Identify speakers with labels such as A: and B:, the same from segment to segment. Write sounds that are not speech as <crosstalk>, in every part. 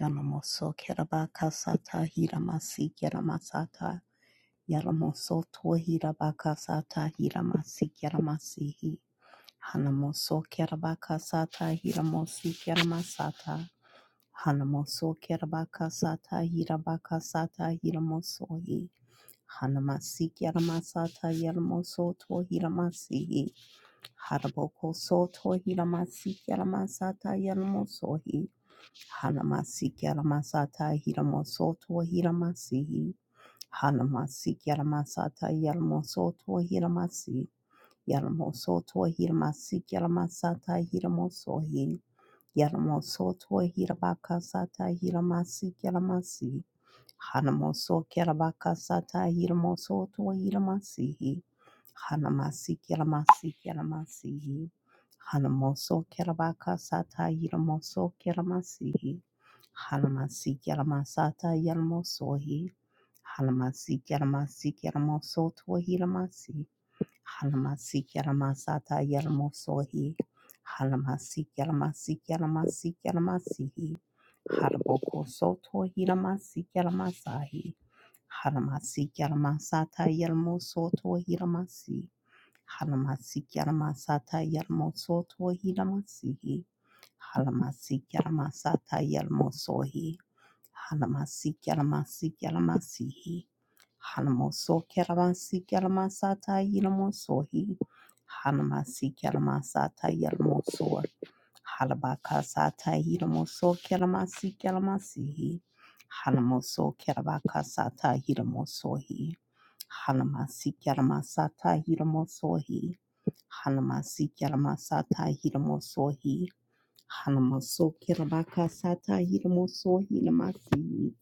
A: Yanamoso kerabakasata hiramasi keramasata. Yanamoso tohirabakasata hiramasi keramasihi. Hanamoso kerabakasata hiramosi keramasata. Hanamoso kerabakasata hirabakasata hiramosohi. Hanamasi keramasata yanamoso to hiramasihi Haraboko so tohiramasi keramasata yanamosohi. Hanamasi Yaramasata Hiramosoto Hiramasi Hanamasi Yaramasata Yaramosoto Hiramasi Yaramosoto Hiramasi Yaramasata Hiramosohi Yaramosoto Hirabakasata Hiramasi Yaramasi Hanamoso Kerabakasata Hiramosoto Hiramasi Hanamasi kiramasi kiramasi. Hanamoso kirabaka sata yiramoso kiramasi. Hanamasi kiramasata yiramosohi. Hanamasi kiramasi kiramoso tuahiramasi. Hanamasi kiramasata yiramosohi. Hanamasi kiramasi kiramasi kiramasihi. Harboko soto hiramasi kiramasahi. Haramasi kiramasata yiramoso tuahiramasi. Halamasik Yalamasata Yalmosotohi Lamasihi. Halamasik Yalamasata Yalmosohi. Halamasik Yalamasik Yalamasihi. Halamoso Kalamasik Yalamasata Yalamosohi. Halamasik Yalamasata Yalmosohi. Halabakasata Hilamoso Kalamasik Yalamasihi. Halamoso Kalabakasata Hilamosohi. Halamasik Yalamasata Hilamosohi. Hanama Sikyarama Sata Hiramo Sohi. Hanama Sokirabaka Sata Hiramo Sohi Namasi.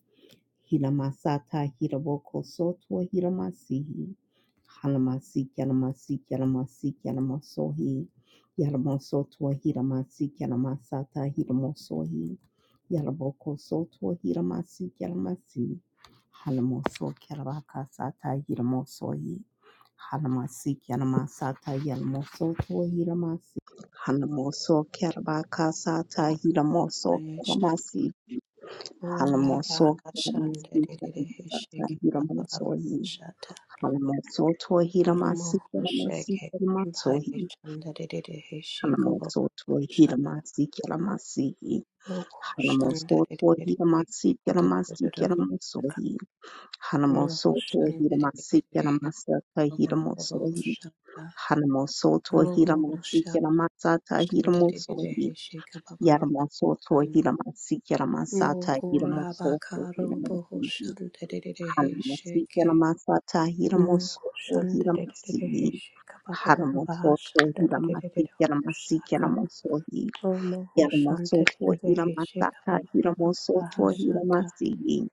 A: Hirama Sata Hiraboko Soto Hiramasi. Hanama Sikyarama Sikyarama Sikyarama Sohi. Yaramo Soto Hirama Sikyarama Sata Hiramo Sohi. Yaraboko Soto Hiramasi Yarmasi. Hanamo Sokirabaka Sata Hiramo Sohi. Hanamasi Yanamasata Yanamoso Hiramasi Hanamoso Kerabaka Sata Hiramoso Keramasi
B: Yeshakura
A: Hanamoso Keramasi Sata
B: Bahashandarishika
A: Hiramoso
B: Babashata
A: Hanamoso
B: Rumu
A: Hiramasi Keramasi
B: Shake
A: Keramaso
B: Bhaishandarishika
A: Hanamoso
B: Babashata
A: Hiramasi Keramasi
B: Roku
A: Hanamoso
B: Shandarishika
A: Hiramasi Keramasi Keramaso
B: Dudududushaka
A: Hanamoso
B: Nuhu Shandarishika
A: Hiramasi Keramasa Hiramoso
B: Babashata
A: Hanamosoto
B: Rumu
A: Hiramasi
B: Shaka
A: Kiramasata Hiramoso
B: Shandarishika
A: Yaramosoto
B: Babashata
A: Hiramasi Kiramasata
B: Mokora
A: Hiramosoto
B: bakaro boho
A: Hiramasi
B: shandererehe
A: Hanamasi
B: sheke.
A: Kiramasata
B: Noko
A: Hiramosoto
B: shandererehe
A: Hiramasi
B: sheka baba baba baba
A: Hanamosoto Hiramasi
B: shandererehe
A: Kiramasi
B: shaka.
A: Kiramoso
B: Oh no ho
A: Yaramosoto
B: shandererehe sheka
A: Hiramasata
B: baba baba baba
A: Hiramosoto
B: shata.
A: Hiramasi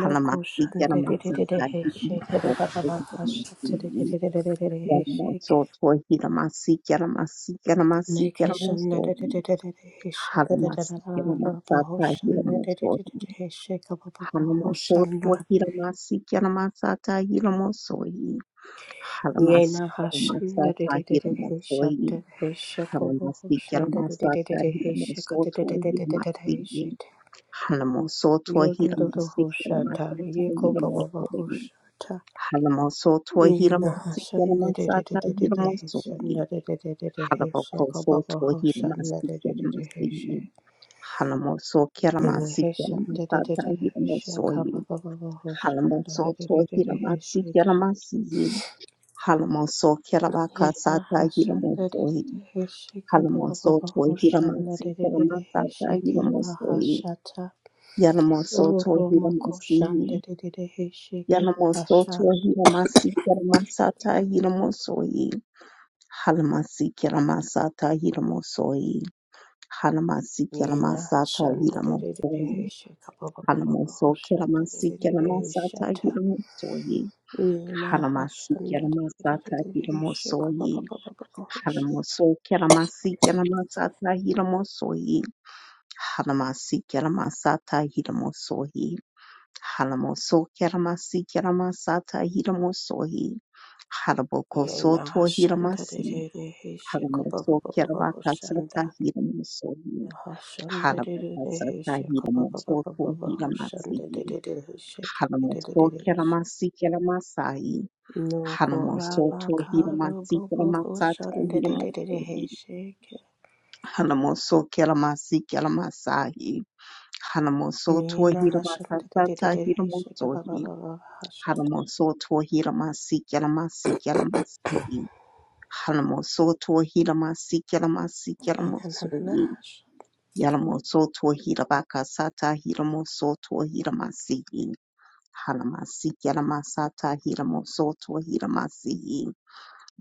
B: Noko
A: Hanamasi Kiramasata
B: shandererehe sheka baba
A: Hiramosoto
B: baba baha
A: Hiramasi
B: shandererehe
A: Yaramoso
B: sheke.
A: tohi ramasi yaramasi yaramasi
B: Neke
A: yaramoso
B: shandererehe sheka baba
A: haramasi
B: baba baba
A: yaramasata yaramoso
B: shandererehe sheka baba baba baha
A: haramoso
B: shanda.
A: tohi ramasi yaramasata yaramoso haramasi
B: Yena hashanda de
A: yaramasata
B: de de de
A: yaramoso
B: Hesha de heshate kobo
A: haramasi
B: hoshanda de de de
A: yaramasata
B: de de
A: yaramoso
B: heshakate de de de
A: tohi
B: de de de
A: ramasi
B: heshate
A: haramoso tohi
B: yodo do do
A: ramasi
B: hoshata
A: yaramasata
B: yeko baba
A: yaramoso
B: hoshata
A: haramoso tohi
B: Yena
A: ramasi
B: hashanda de de de
A: yaramasata
B: de de de
A: yaramoso
B: heshanda de de de de de heshakobo
A: Halabokoso
B: baba hoshanda
A: tohiramasi
B: de de de de
A: kelamasi.
B: heshe
A: Halamoso
B: Yena
A: kelamasi
B: heshanda de de de
A: kelamasata
B: de
A: hiramosoye.
B: heshakaba baba hoshanda
A: Halamoso
B: de de de de de
A: tohiramasi
B: heshate
A: kelamasi. Halamoso
B: Yena
A: kelabakasata
B: hashanderere
A: hiramosoye.
B: heshike
A: Halamoso
B: bababa
A: tohiramasi
B: hoshanderere
A: kelamasata
B: heshike
A: hiramosoye.
B: bahashata
A: Yalamoso
B: oromo
A: tohiramasi.
B: koshanderere heshike
A: Yalamoso
B: bahasha
A: tohiramasi kelamasata hiramosoye. Halamasi kelamasata hiramosoye.
B: yena
A: Hanamasikenamasata Hiramo.
B: hashanderere heshike bababa hoshanderere
A: Hanamasokenamasikenamasata
B: heshata
A: Hiramo Soye.
B: yena
A: Hanamasikelamasata
B: hashanderere
A: Hiramo
B: heshike
A: Soye.
B: bababa hosha
A: Hanamasokenamasikenamasata Hiramo Soye. Hanamasikelamasata Hiramo Soye. Hanamasokenamasikenamasata Hiramo Soye. Hanaboko
B: yena
A: Soto
B: hashanderere
A: Hiramasi.
B: heshike bababa
A: Hanamosokenamakasata
B: hoshanda
A: Hiramo Soye.
B: No koraba
A: Halabasa
B: karu
A: tahila mototo
B: bobo
A: hila
B: hosan de
A: masihi.
B: Hashanderere de de hoshanderere heishe
A: Halamoso
B: kerere heishe.
A: kelamasi kelamasai.
B: Nuko
A: Halamoso to hila
B: rabakaro
A: masi,
B: bobo
A: Halabakasata
B: hoshanderere
A: hilamototo hilamasihi.
B: heishe ke.
A: Halamotoke lamasike lamasai. Halamosoto
B: Mina
A: hilamasike lamasata
B: hashanderere heishe
A: hilamotohi.
B: kababababa hashat.
A: Halamosoke lamasike lamasahi. Halamosoto hilamakasata hilamotohi. Halamosoto hilamasike lamasike lamasihi. Halamosoto hilamasike lamasike
B: Yena nanana
A: lamotohi.
B: hashat.
A: Yalamosoto Hilabakasata Hilamosoto Hilamasihi Halamasi Yalamasata Hilamosoto Hilamasihi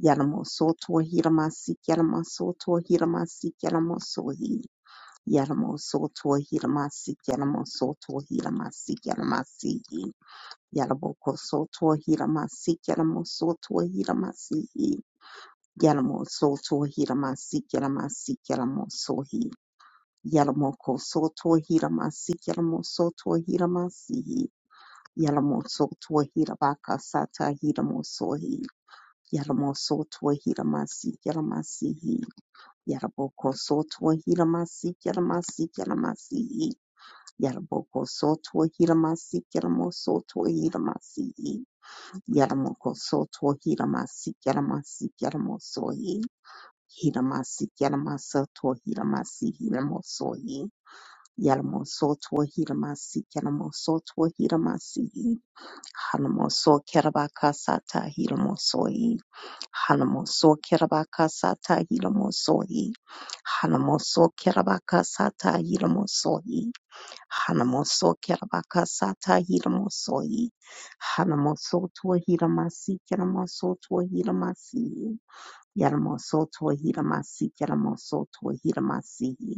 A: Yalamosoto Hilamasi Yalamosoto Hilamasi Yalamosohi Yalamosoto Hilamasi Yalamosoto Hilamasi Yalamasihi Yalamokosoto Hilamasi Yalamosoto Hilamasihi Yalamosoto Hilamasi Yalamasi Yalamosohi Yalamoko soto hiramasi yalamo soto hiramasi yalamo soto hirabaka sata hiramo sohi yalamo soto hiramasi yalamasi yalaboko soto hiramasi yalamasi yalamasi yalaboko soto hiramasi yalamo soto hiramasi yalamoko soto hiramasi yalamasi yalamo sohi hiramasi yalamasa to hiramasi hiramo sohi Yalamosotwa Hiramasi, Yalamosotwa Hiramasi, Hanamoso Kerabakasata Hiramosoi, Hanamoso Kerabakasata Hiramosoi, Hanamoso Kerabakasata Hiramosoi, Hanamoso Kerabakasata Hiramosoi, Hanamosotwa Hiramasi, Yalamosotwa Hiramasi, Yalamosotwa Hiramasi, Yalamosotwa Hiramasi,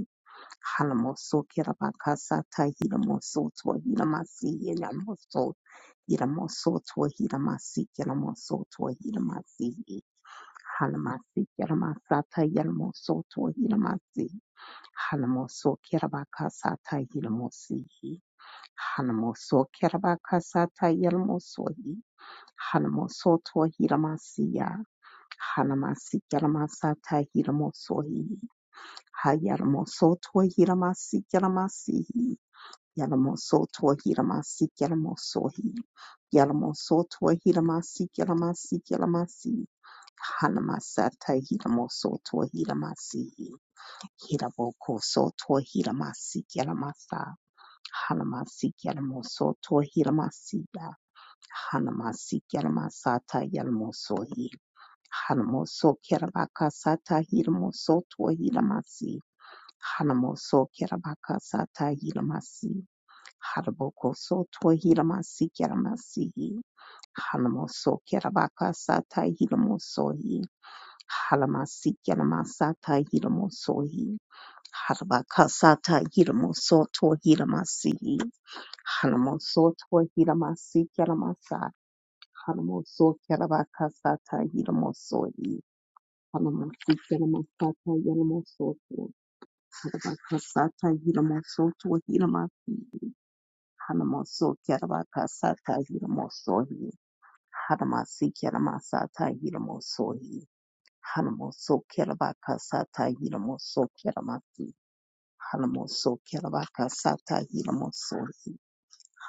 A: Halamoso Kirabakasa Tahiramoso Twahiramasi Yelamoso Hiramoso Twahiramasi Kiramoso Twahiramasi Halamasi Kiramasata Yelmoso Twahiramasi Halamoso Kirabakasa Tahiramosi Halamoso Kirabakasa Tayelmoso Halamoso Twahiramasiya Halamasi Kiramasata Hiramoso Hayalmoso Twahiramasi Kiramasi Yalamosoto Hiramasi Yalamosohi Yalamosoto Hiramasi Yalamasi Yalamasi Hanamasata Hiramosoto Hiramasi Hiraboko Soto Hiramasi Yalamasa Hanamasi Yalamosoto Hiramasi Hanamasi Yalamasata Yalamosohi Hanamoso Kerabaka Sata Hiramosoto Hiramasi Hanamoso Kerabaka Sata Hiramasi Haraboko soto hilamasi kiramasihi. Halamoso kirabaka sata hilamosohi. Halamasi kiramasata hilamosohi. Harabaka sata hilamoso to hilamasihi. Halamoso to hilamasi kiramasa. Halamoso kirabaka sata hilamosohi. Halamasi kiramasata hilamosoto. Harabaka sata hilamosoto Hanamoso Kerabaka Sata Hiramosohi. Hanamasi Keramasata Hiramosohi. Hanamoso Kerabaka Sata Hiramoso Keramati. Hanamoso Kerabaka Sata Hiramosohi.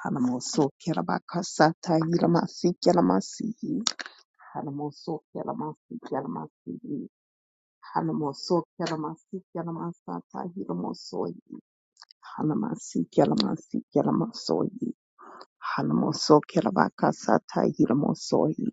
A: Hanamoso Kerabaka Sata Hiramasi Keramasihi. Hanamoso Keramasi Keramasihi. Hanamoso Keramasi Keramasata Hiramosohi. Hanamasi Keramasi Keramasohi. Halamoso Kelabakasata Hilamosohi.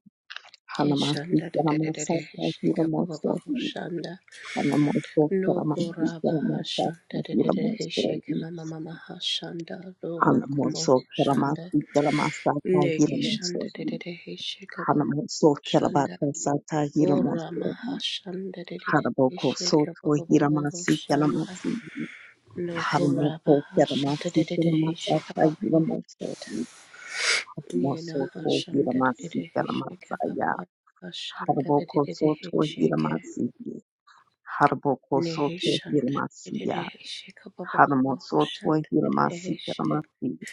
A: Halamasi
B: Heshanderere
A: Kelamasata
B: heishe
A: Hilamosohi.
B: de de
A: Halamoso
B: Nuko
A: Kelamasi
B: raba
A: Kelamasata
B: hashanderere heishe ke
A: Hilamosohi.
B: mama mama hashanda robo kumo
A: Halamoso
B: hoshanda.
A: Kelamasi Kelamasata
B: Neki shanda
A: Hilamosohi.
B: de de de dedede heshe kobo
A: Halamoso
B: shanda.
A: Kelabakasata
B: Ora
A: Hilamosohi.
B: maha shanda de de de he dedede
A: Halaboko
B: heshe kobo
A: Soto
B: kobo kobo
A: Hilamasi
B: shanda.
A: Kelamasi.
B: No kora
A: Halamoso
B: baha shata
A: Kelamasi
B: dedede heshe
A: Kelamasata
B: kobo kobo kobo shata.
A: Hilamosohi.
B: Yena
A: Halamoso
B: ha shanda de de
A: Kelamasi
B: de he dedede heshe kobo
A: Kelamasaya.
B: kobo kobo shanda de
A: Haraboko
B: de de dedede
A: soto
B: heshe ke.
A: hiramasiye. Haraboko
B: Nehi
A: soto
B: shanda de de de he
A: hiramasiya.
B: dedede heshe kobo kobo
A: Haramo
B: kobo
A: soto
B: shanda de de de dedede
A: hiramasiya
B: heshe.
A: ramasiya.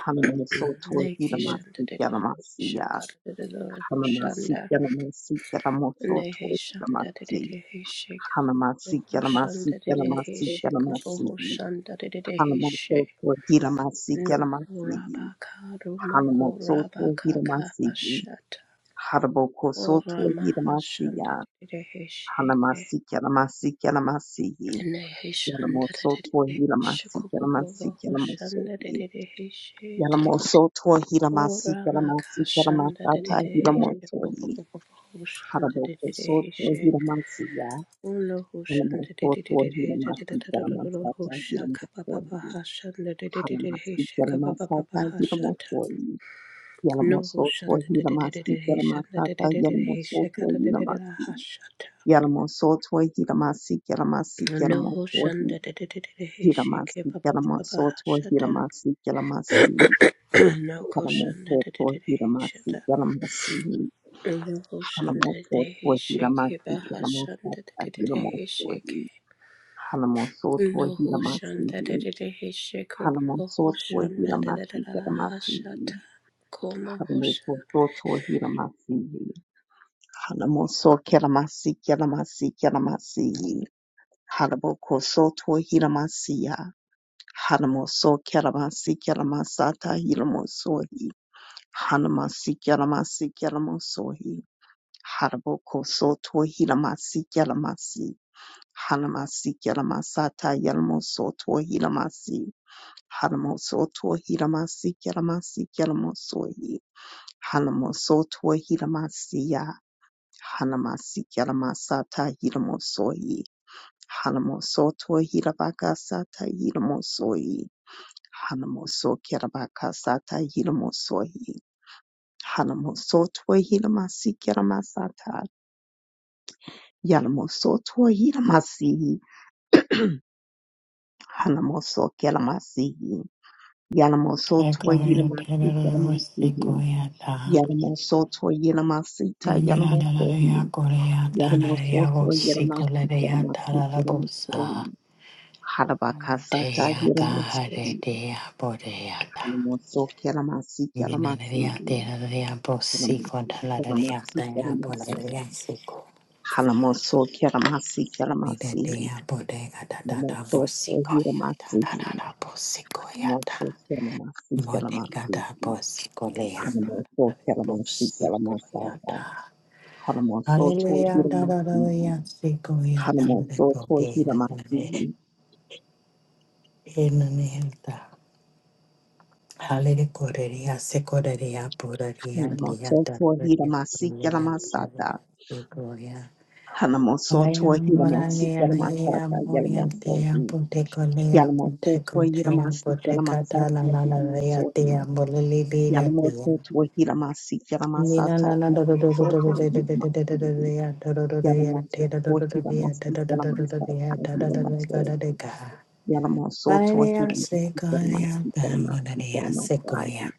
A: Haramo
B: <clears throat>
A: soto
B: Neki shanda de
A: hiramasiya
B: de de he dedede heshe
A: ramasiya.
B: kobo kobo kobo <clears throat> shanda.
A: Hanamasiya ramasiya ramo soto
B: Nehesha da da da
A: hiramasiya.
B: da heshe
A: Hanamasiya
B: kubohoshan da
A: ramasiya
B: da da
A: ramasiya
B: heshe
A: ramasiya.
B: kubohoshan da da da da
A: Hanamo
B: heshe
A: soto hiramasiya ramasiya.
B: nokuraba karu
A: Hanamo soto
B: mokuraba kaka
A: hiramasiya.
B: hashata
A: Haraboko soto
B: orama hashan da
A: hiramasiya.
B: da da heshe ke
A: Hanamasi Kalamasi Kalamasi
B: neheshan da da
A: Yalamoso
B: da da heshe
A: Tohilamasi Kalamasi Kalamoso
B: kubohoshan da da da da heshe te
A: Yalamoso Tohilamasi
B: orama
A: Kalamasi
B: kashan da da da
A: Kalamasata
B: da heshe
A: Hilamoso
B: kubohoshan da da
A: Haraboko
B: da da
A: Soto
B: heshe
A: Hilamasi Ya
B: No, No, Shanda, the
A: Yalamoso Tohilamasi Kalamasata Hilamoso Hanamasi Kalamasata Hilamoso Yalamoso Tohilamasi Kalamasata Yalamoso Tohilamasi Yalamoso Tohilamasi Kalamasi Kalamoso Hiramasi Kalamasoto Hiramasi Kalamasi Kalamoto Hiramasi Kalamasi Halamoto
B: he shake, he
A: Hiramasi
B: bahas, Shanda,
A: Kalamosata
B: the he
A: Hiramoto
B: shake.
A: Halamosoto
B: No hushan
A: Hiramasi
B: da da da he sheko boho
A: Halamosoto
B: hushan da da da
A: Hiramasi
B: da da la
A: Kalamasi
B: hashata komo hosha.
A: Halamoto Hiramasi Halamoso Kalamasi Kalamasi Kalamasi Halaboko Soto Hiramasi Hanamoso Kelamasi Kelamasata Hilamosohi Hanamasi Kelamasi Kelamosohi Haraboko Soto Hilamasi Kelamasi Hanamasi Kelamasata Yelmosoto Hilamasi Hanamosoto Hilamasi Kelamasi Kelamosohi Hanamosoto Hilamasiya Hanamasi Kelamasata Hilamosohi Hanamosoto Hilabakasata Hilamosohi Hanamoso Kerabakasata Yilamosohi. Hanamoso Twahilamasi Keramasata. Yalamoso Twahilamasi. Hanamoso Keramasihi. Yalamoso
C: Sequoia
A: Twahilamasi
C: tenero
A: Keramasihi.
C: sequoia ta.
A: Yalamoso Twahilamasita
C: Mira la la
A: Yalamosohi.
C: ya corea ta la
A: Yalamoso
C: ya go
A: Twahilamasi
C: sequoia ya ta
A: Keramasi
C: la la
A: Keramasohi.
C: bosa. Alo te
A: Harabakasata
C: ya ta ha re
A: Yilamosohi.
C: te ya po re ya ta.
A: Hanamoso Keramasi
C: Mina la ya
A: Keramasihi.
C: te la la ya po sequoia ta la la ya ta ya po la
A: Hanamoso
C: la ya sequoia.
A: Halamoso Kiramasi
C: Mira
A: Kiramasi
C: te ya ta. ta. ta. ta. ta ta ta
A: Halamoso
C: ta
A: Kiramasi
C: ta. la la la po sequoia ta.
A: Halamoso Kiramasi
C: Mo te ka
A: Kiramasi
C: ta po sequoia
A: Halamoso
C: ta te Te te te te Bodega da bosico leata,
A: Kiramasi
C: bosico
A: Kiramasata
C: ta.
A: Halamoso
C: Hallelujah, da da da
A: Kiramasi
C: ya, siko ya, da da da
A: Halamoso
C: da da ya, da da
A: Kiramasi
C: in the name of the Hallelujah, koreria, siko reria, pureria, lia,
A: Halamoso
C: da da ya,
A: Kiramasi
C: koreria, da da ya,
A: Kiramasata
C: siko ya.
A: Halamoso
C: Aya
A: Kiramasi
C: morania, aya
A: Kiramasata
C: moria,
A: Yalamoso
C: tia, pute kolea,
A: Yalamoso
C: pute kotea,
A: Kiramasi
C: pute
A: Kiramasata
C: katala, la la la ya,
A: Yalamoso
C: tia, bolili, bira,
A: Yalamoto to Wahiramasi,
C: Maria
A: Yalamasata,
C: Secotea, da
A: Yalamoto, Yalamasi, Yalamoto, Wahiramasi, Yalamasata,
C: da
A: Yalamoto, Yalamoso to Wahiramasi, Yalamasi, Yalamasi, Yalamasa,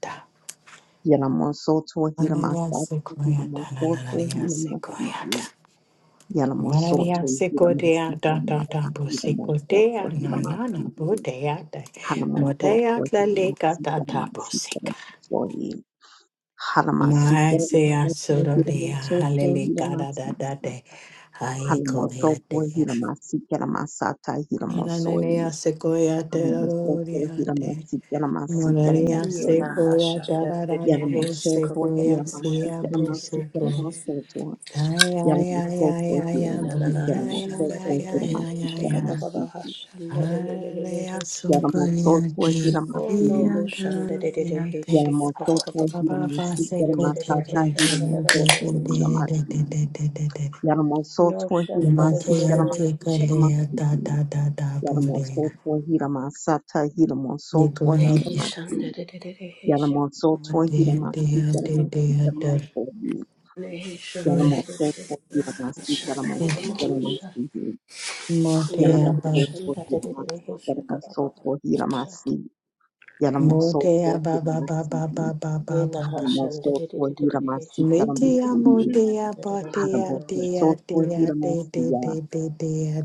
A: Yalamoso to Wahiramasa, Yalamoso to Wahiramasi, Yalamoso to Wahiramasi,
C: da,
A: Yalamasa, Yalamoto to
C: Busicotea, na na na,
A: Wahiramasi,
C: Botea,
A: Hanamoto to
C: Motea, la leca,
A: Wahiramasi,
C: da
A: Yalamasi,
C: da,
A: Yalamasi, Halamasika
C: Maese
A: lamasata
C: asorolea,
A: hilamosoto
C: halele cara da
A: hilamasi.
C: da de, hae
A: Halamosoto
C: coleate,
A: hilamasika lamasata
C: ananea
A: hilamosoyi.
C: secoiate,
A: Halamosoto
C: roriate,
A: hilamasika lamasika
C: moraria
B: Ye na
A: lamosoyi.
C: secoia,
B: hushan da da da
C: jarara,
B: da he sheko
A: Yalamosoto
B: boho
C: bosecoia,
B: hushan
C: sia,
A: hilamasika
B: da da da da
A: lamasika
B: he
C: Busico,
B: she.
A: lamosoto.
C: Taya ya ya ya
A: Yalamosoto
C: ya
B: Ye na na na
A: hilamasika
C: ay, ya
B: hushan da
C: ya
B: da
A: lamosoto
B: da da
C: ya
B: he
C: ya
A: hilamasika
B: sheko
C: ya.
B: boho la
A: lamosoyi.
B: hushan da da
C: ay,
B: da da da
C: ay,
B: he she.
C: ay,
A: Yalamosoto
B: Oh
C: ay,
B: no
A: hilamasihi.
C: ay, da
B: hushan da da
C: da
B: da he
C: da.
B: sheko boho
A: Yalamosoto
B: boho boho
A: hilamasika
B: shanda da da da da he
A: lamasata
B: shanda da da da da da he
A: hilamosoto
B: she.
A: hilamasi.
B: No
A: Yaramosoto
B: hushan da da
A: Hiramasi
B: da da he
A: Yaramasi
B: she.
A: Yaramasi Yaramosoto Hiramasata Hiramosoto Hiramasi
B: Nation da da da da da hesh.
A: Yaramosoto Hiramasi Yaramasi
B: Nation da da da da da
A: Yaramosoto Yaramosoto
B: da.
A: Hiramasi
B: Shaka mama
C: Motea
B: shaka.
A: Yaramasi Yaramasi
B: Yena hoshan
A: Yaramosoto
B: da da da da da
A: Hiramasi
B: hesh. Shaka papa
A: Yaramosoto
B: papa shaka.
A: Hiramasi Yaramosoto Hiramasi Yaramosoto Hiramasi Yaramosoto
B: Yena hoshan da da da da da da hesh. Shaka papa shaka. Da da da da da da hoshan.
A: Hiramasi Yaramosoto Hiramasi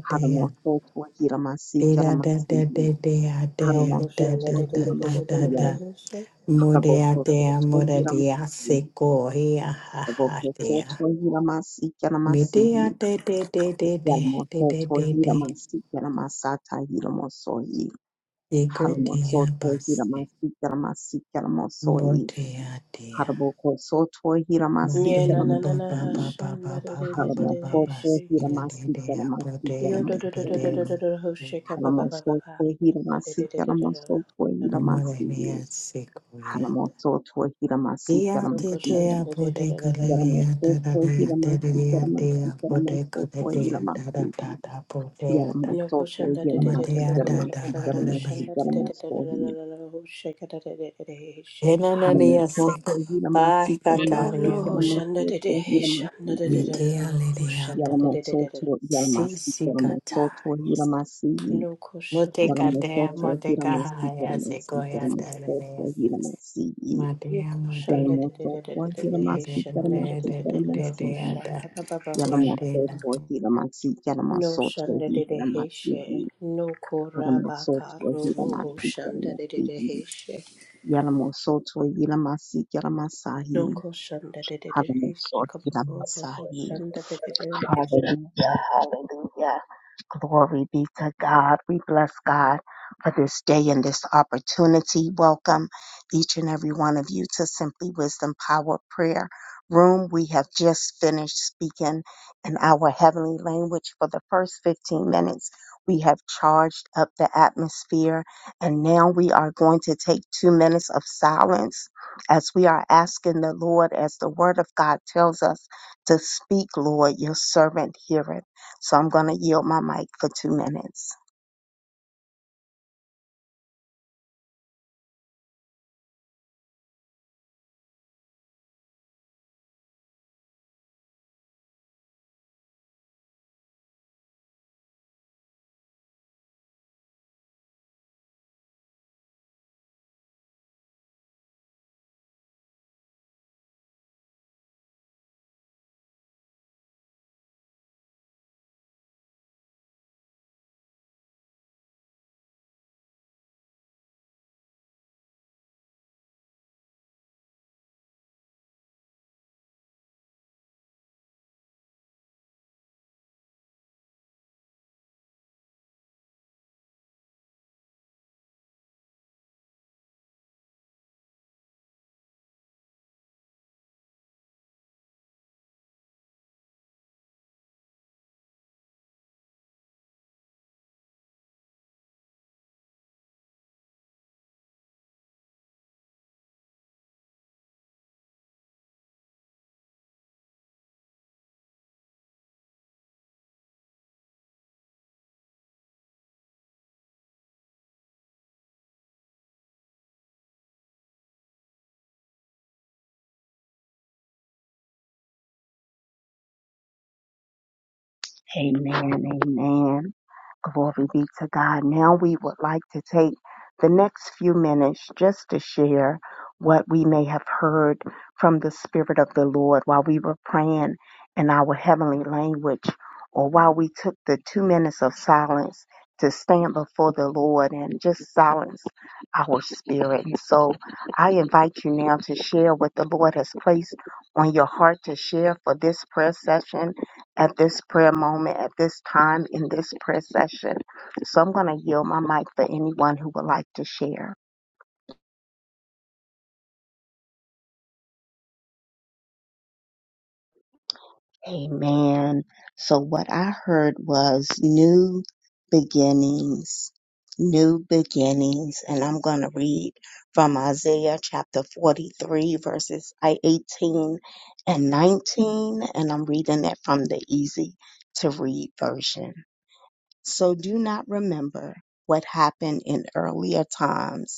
A: Haramosoto Hiramasi Yalamasi
B: No hoshan da
A: Haramosoto
B: da da da da da
A: Hiramasi
B: da da hesh.
C: Modea
A: Haramosoto
C: dea, moda dea,
A: Hiramasi
C: seco, hea, ha, ha,
A: Haramosoto
C: dea.
A: Hiramasi
C: Medea
A: Yalamasi
C: de de de de de de de
A: Yalamosoto
C: de de.
A: Hiramasi Yalamasata Hiramosohi
C: Ego dea
A: Haramosoto
C: basse.
A: Hiramasi Yalamasi Yalamosohi
C: Botea dea.
A: Haramosoto Hiramasi
C: Botea
B: Yena na na
C: ba
B: na
C: ba
A: Yalamasi
C: ba ba
B: hoshan da
C: ba
B: da
C: ba
B: da
C: ba
B: da da
C: ba
B: da
C: ba ba.
A: Haramosoto
B: hesh.
C: In the
B: Shaka.
C: de
A: Hiramasi
C: dea,
A: Yalamasi
C: botea
B: Yo do
C: de
B: do do do do
A: Yalamosohi
C: de
B: do do do do
C: de.
B: shake ba ba ba ba ba
C: Moda
A: Halamosotohiramasikelamosotwehiramasigi.
C: seco, hea. Dea
B: No
C: de
B: question that
C: dea,
B: it did
C: boteca lea, da da
B: it.
C: dea, da dea dea, boteca dea, da da
A: Halamosotohiramasikelamosigi. Yalamosotohiramasikelamosikelamosotwehiramasigi.
C: da da, botea
B: No question that it did
C: Madea da da da da
B: it.
C: da be.
B: Shanda
A: Yalamosotohiramasikelamosikelamosikelamosotwehi.
B: did shake it shake. it.
C: Enanania sec. Bye
B: Oh
C: cataria.
B: no, Shanda did it. Shanda did
A: Halamosotohiramasikelamosikelamosotwehiramasigi.
B: it.
C: Metea lideapo.
B: Shanda did it.
C: Si si catarias.
A: Yalamosotohiramasikelamosotwehiramasigi.
B: No question that it.
A: Yalamoto,
C: Motecadea
B: did.
A: Hiramasi,
C: motecahaya
A: Yalamasi,
C: sequoia da da
A: Yalamoto,
C: da.
A: Hiramasi,
B: You
C: Madea
B: question
C: motea.
B: that it did
A: Yalamoto,
B: it.
C: da da
A: Hiramasi,
B: Shanda
C: da
B: did
A: Yalamasi,
C: da da
A: Yalamasi,
B: it.
C: da
B: Shaka
C: da.
B: Baba
A: Yalamoto,
C: Madea.
B: Hoshanda.
A: Hiramasi,
B: No
A: Yalamaso,
B: Shanda did
A: Hiramasi,
B: it. No
A: Yalamoso,
B: Korabaka Robo
A: Hiramasi,
B: Hoshanda did
A: Yalamasi,
B: it.
A: Yalamoso, Hiramasi, Yalamasahi,
B: Local Shanda did it.
A: Halamoso, Hiramasahi.
B: Shanda did it.
A: Hallelujah, hallelujah, Glory be to God. We bless God for this day and this opportunity. Welcome each and every one of you to Simply Wisdom Power Prayer Room. We have just finished speaking in our heavenly language for the first 15 minutes. We have charged up the atmosphere and now we are going to take two minutes of silence as we are asking the Lord, as the word of God tells us to speak, Lord, your servant heareth. So I'm going to yield my mic for two minutes. Amen. Amen. Glory be to God. Now we would like to take the next few minutes just to share what we may have heard from the Spirit of the Lord while we were praying in our heavenly language or while we took the two minutes of silence to stand before the Lord and just silence our spirit. And so I invite you now to share what the Lord has placed on your heart to share for this prayer session at this prayer moment, at this time in this prayer session. So I'm going to yield my mic for anyone who would like to share. Amen. So what I heard was new beginnings, new beginnings. And I'm going to read from Isaiah chapter 43, verses I- 18 and 19. And I'm reading it from the easy to read version. So do not remember what happened in earlier times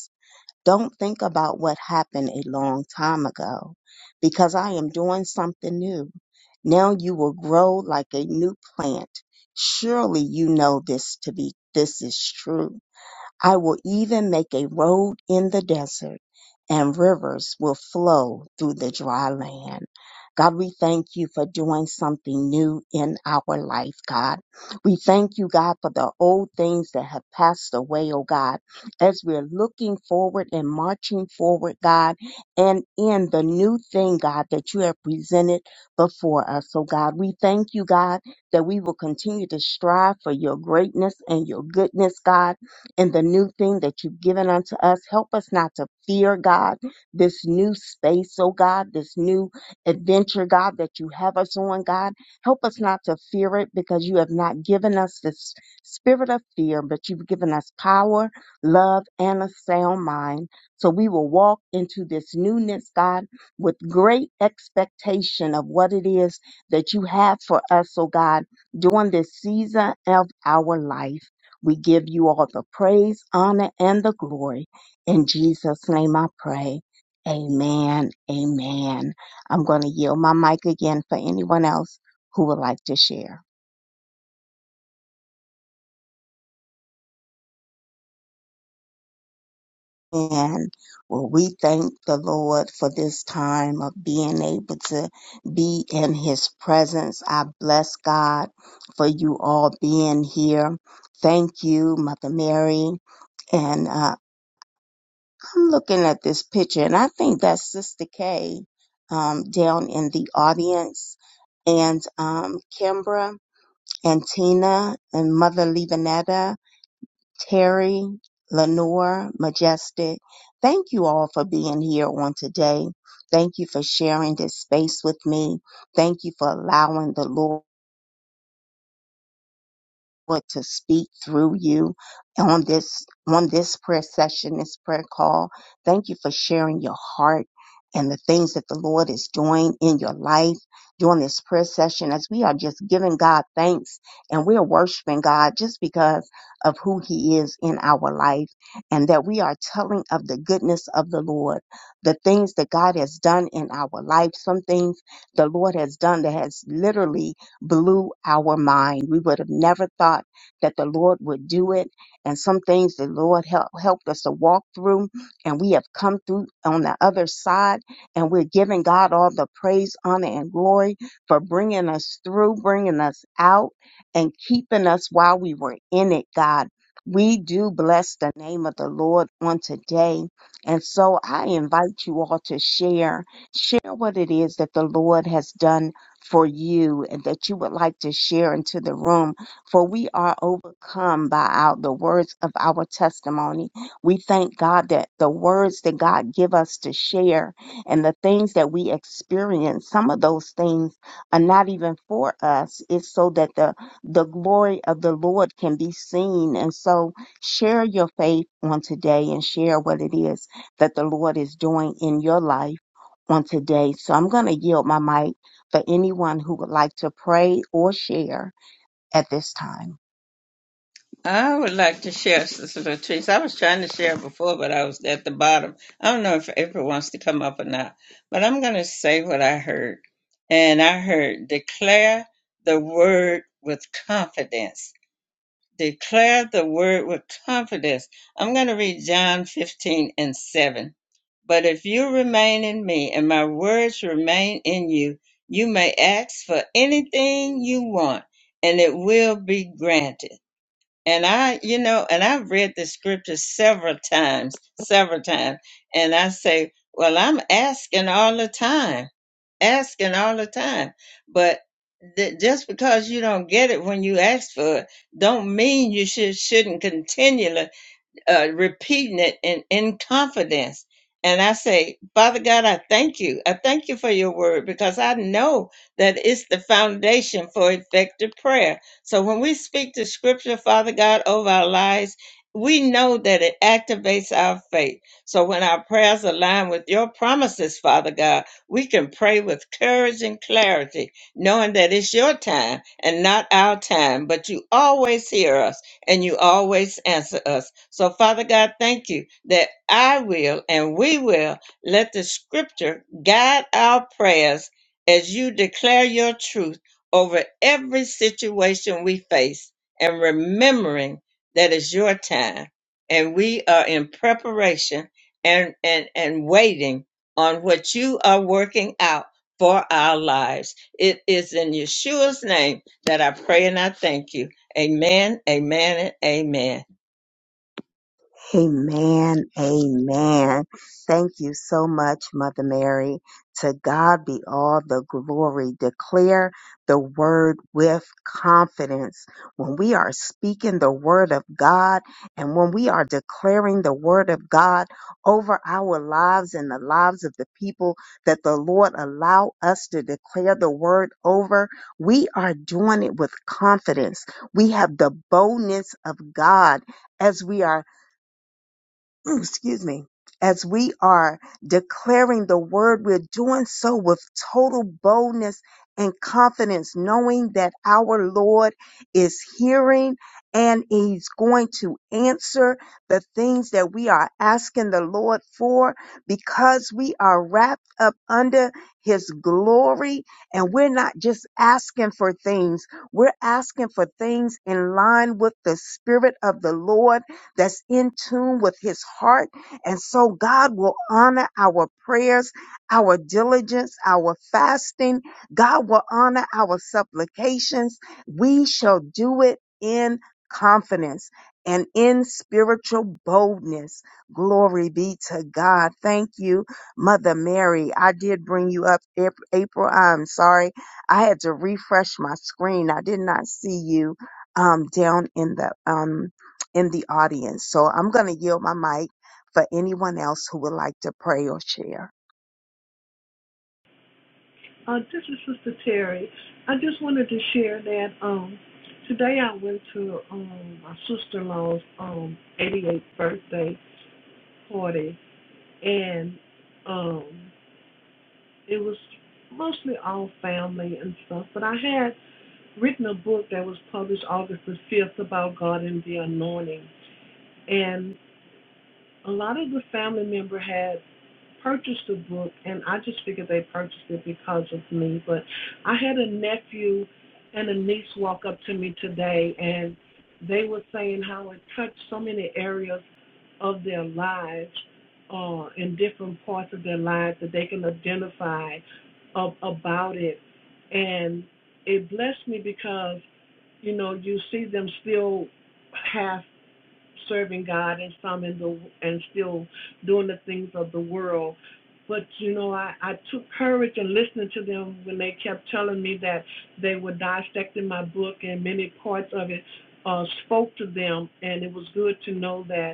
A: Don't think about what happened a long time ago because I am doing something new. Now you will grow like a new plant. Surely you know this to be this is true. I will even make a road in the desert and rivers will flow through the dry land. God, we thank you for doing something new in our life, God. We thank you, God, for the old things that have passed away, oh God, as we're looking forward and marching forward, God, and in the new thing, God, that you have presented before us, oh God. We thank you, God, that we will continue to strive for your greatness and your goodness, God in the new thing that you've given unto us. Help us not to fear, God, this new space, oh God, this new adventure, God, that you have us on, God. Help us not to fear it because you have not given us this spirit of fear, but you've given us power, love, and a sound mind. So we will walk into this newness, God, with great expectation of what it is that you have for us, oh God, during this season of our life. We give you all the praise, honor, and the glory. In Jesus' name I pray. Amen. Amen. I'm going to yield my mic again for anyone else who would like to share. And well, we thank the Lord for this time of being able to be in his presence. I bless God for you all being here. Thank you, Mother Mary, and uh, I'm looking at this picture and I think that's Sister K um, down in the audience and um, Kimbra and Tina and Mother Levanetta, Terry, Lenore, Majestic. Thank you all for being here on today. Thank you for sharing this space with me. Thank you for allowing the Lord. to speak through you on this on this prayer session, this prayer call. Thank you for sharing your heart and the things that the Lord is doing in your life during this prayer session as we are just giving God thanks and we are worshiping God just because of who he is in our life and that we are telling of the goodness of the Lord, the things that God has done in our life, some things the Lord has done that has literally blew our mind. We would have never thought that the Lord would do it. And some things the Lord help, helped us to walk through, and we have come through on the other side. And we're giving God all the praise, honor, and glory for bringing us through, bringing us out, and keeping us while we were in it, God. We do bless the name of the Lord on today. And so I invite you all to share. Share what it is that the Lord has done for you and that you would like to share into the room. For we are overcome by our, the words of our testimony. We thank God that the words that God give us to share and the things that we experience, some of those things are not even for us. It's so that the, the glory of the Lord can be seen. And so share your faith on today and share what it is that the Lord is doing in your life on today. So I'm going to yield my mic for anyone who would like to pray or share at this time.
D: I would like to share, Sister Latrice. I was trying to share before, but I was at the bottom. I don't know if April wants to come up or not, but I'm going to say what I heard. And I heard declare the word with confidence. Declare the word with confidence. I'm going to read John 15 and 7. But if you remain in me and my words remain in you, you may ask for anything you want and it will be granted and I, you know, and I've read the scripture several times, several times. And I say, well, I'm asking all the time, asking all the time. But th- just because you don't get it when you ask for it, don't mean you should, shouldn't continue uh, repeating it in, in confidence. And I say, Father God, I thank you. I thank you for your word because I know that it's the foundation for effective prayer. So when we speak the scripture, Father God, over our lives, we know that it activates our faith. So when our prayers align with your promises, Father God, we can pray with courage and clarity, knowing that it's your time and not our time, but you always hear us and you always answer us. So, Father God, thank you that I will and we will let the scripture guide our prayers as you declare your truth over every situation we face and remembering that it's your time and we are in preparation and, and, and waiting on what you are working out for our lives. It is in Yeshua's name that I pray and I thank you. Amen, amen, and amen.
A: Amen. Amen. Thank you so much, Mother Mary. To God be all the glory. Declare the word with confidence. When we are speaking the word of God and when we are declaring the word of God over our lives and the lives of the people that the Lord allow us to declare the word over, we are doing it with confidence. We have the boldness of God as we are <clears throat> excuse me, as we are declaring the word, we're doing so with total boldness and confidence, knowing that our Lord is hearing and He's going to answer the things that we are asking the Lord for because we are wrapped up under His glory and we're not just asking for things, we're asking for things in line with the Spirit of the Lord that's in tune with his heart. And so God will honor our prayers, our diligence, our fasting. God will honor our supplications. We shall do it in confidence and in spiritual boldness. Glory be to God. Thank you, Mother Mary. I did bring you up, Ap- April. I'm sorry. I had to refresh my screen. I did not see you um, down in the um, in the audience. So I'm going to yield my mic for anyone else who would like to pray or share.
E: Uh, this is Sister Terry. I just wanted to share that um, today I went to um, my sister-in-law's um, 88th birthday party, and um, it was mostly all family and stuff. But I had written a book that was published August the 5th about God and the anointing, and a lot of the family member had purchased the book, and I just figured they purchased it because of me. But I had a nephew and a niece walk up to me today, and they were saying how it touched so many areas of their lives, uh, in different parts of their lives that they can identify ab- about it. And it blessed me because, you know, you see them still half serving God and some in the and still doing the things of the world. But you know, I, I took courage in listening to them when they kept telling me that they were dissecting my book and many parts of it uh, spoke to them, and it was good to know that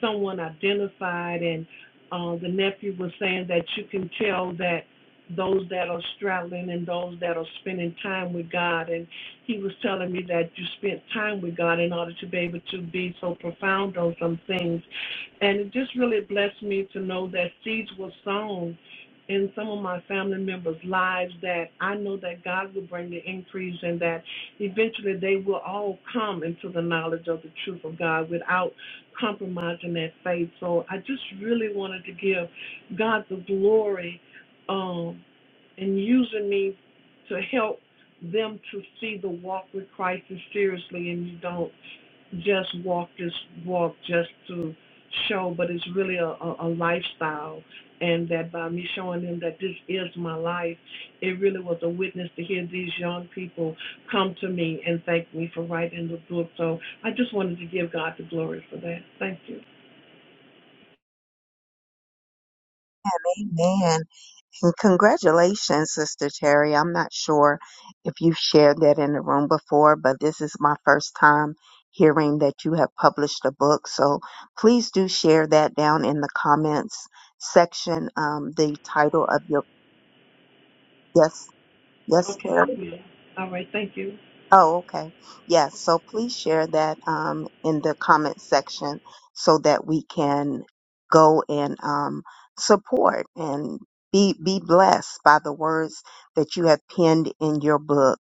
E: someone identified, and uh, the nephew was saying that you can tell that those that are straddling and those that are spending time with God. And he was telling me that you spent time with God in order to be able to be so profound on some things. And it just really blessed me to know that seeds were sown in some of my family members' lives that I know that God will bring the increase and that eventually they will all come into the knowledge of the truth of God without compromising that faith. So I just really wanted to give God the glory um, in using me to help them to see the walk with Christ as seriously, and you don't just walk this walk just to show, but it's really a, a, a lifestyle. And that by me showing them that this is my life, it really was a witness to hear these young people come to me and thank me for writing the book. So I just wanted to give God the glory for that. Thank you.
A: Amen. And congratulations, Sister Terry. I'm not sure if you've shared that in the room before, but this is my first time hearing that you have published a book. So please do share that down in the comments section, um, the title of your, yes, yes,
E: Okay,
A: Terry.
E: I will. All right, thank you.
A: Oh, okay. Yes. So please share that um, in the comment section so that we can go and um, support and be be blessed by the words that you have penned in your book.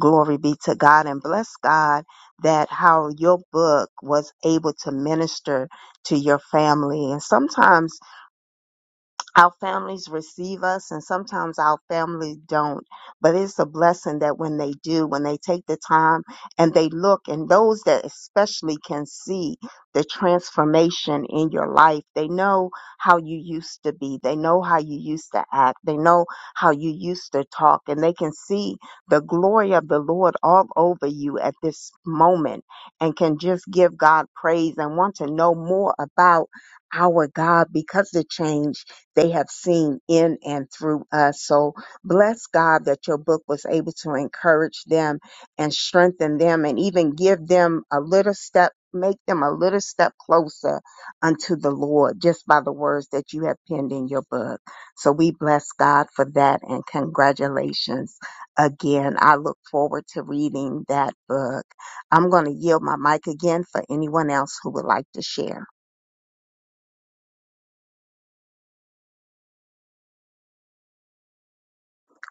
A: Glory be to God and bless God that how your book was able to minister to your family. And sometimes our families receive us and sometimes our families don't but it's a blessing that when they do when they take the time and they look and those that especially can see the transformation in your life they know how you used to be they know how you used to act they know how you used to talk and they can see the glory of the lord all over you at this moment and can just give god praise and want to know more about our god because the change they have seen in and through us. So bless God that your book was able to encourage them and strengthen them and even give them a little step, make them a little step closer unto the Lord just by the words that you have penned in your book. So we bless God for that and congratulations again. I look forward to reading that book. I'm going to yield my mic again for anyone else who would like to share.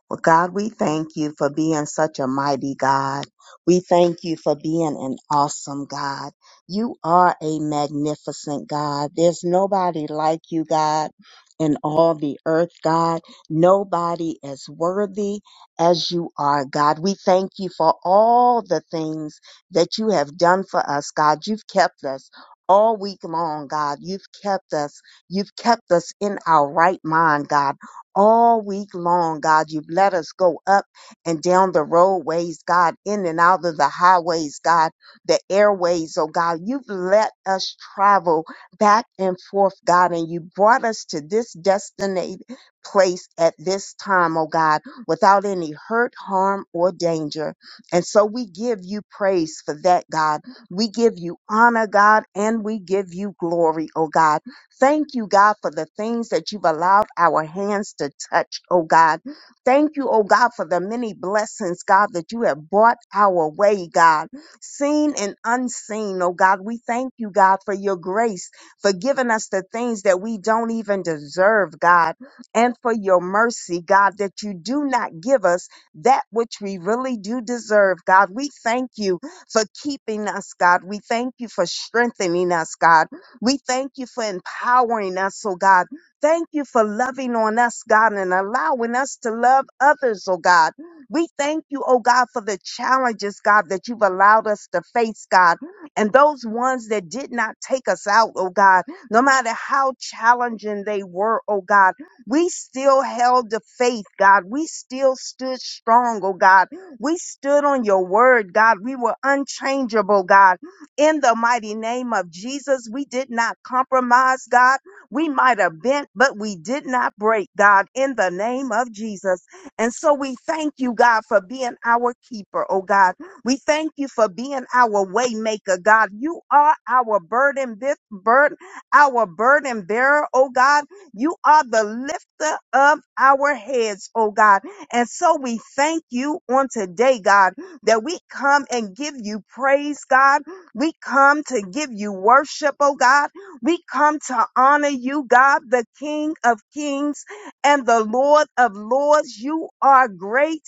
A: Well, God, we thank you for being such a mighty God. We thank you for being an awesome God. You are a magnificent God. There's nobody like you, God, in all the earth, God. Nobody as worthy as you are, God. We thank you for all the things that you have done for us, God. You've kept us. All week long, God, you've kept us. You've kept us in our right mind, God all week long, God. You've let us go up and down the roadways, God, in and out of the highways, God, the airways, oh God. You've let us travel back and forth, God, and you brought us to this destined place at this time, oh God, without any hurt, harm, or danger. And so we give you praise for that, God. We give you honor, God, and we give you glory, oh God. Thank you, God, for the things that you've allowed our hands to touch, oh God. Thank you, oh God, for the many blessings, God, that you have brought our way, God, seen and unseen, oh God. We thank you, God, for your grace, for giving us the things that we don't even deserve, God, and for your mercy, God, that you do not give us that which we really do deserve, God. We thank you for keeping us, God. We thank you for strengthening us, God. We thank you for empowering us, oh God. Thank you for loving on us, God, and allowing us to love others, oh God. We thank you, oh God, for the challenges, God, that you've allowed us to face, God. And those ones that did not take us out, oh God, no matter how challenging they were, oh God, we still held the faith, God. We still stood strong, oh God. We stood on your word, God. We were unchangeable, God in the mighty name of Jesus. We did not compromise, God. We might have bent, but we did not break, God, in the name of Jesus. And so we thank you, God, for being our keeper, oh God. We thank you for being our way maker, God. You are our burden, this burden, our burden bearer, oh God. You are the lifter of our heads, oh God. And so we thank you on today, God, that we come and give you praise, God. We come to give you worship, oh God. We come to honor you, God, the King of kings and the Lord of lords. You are great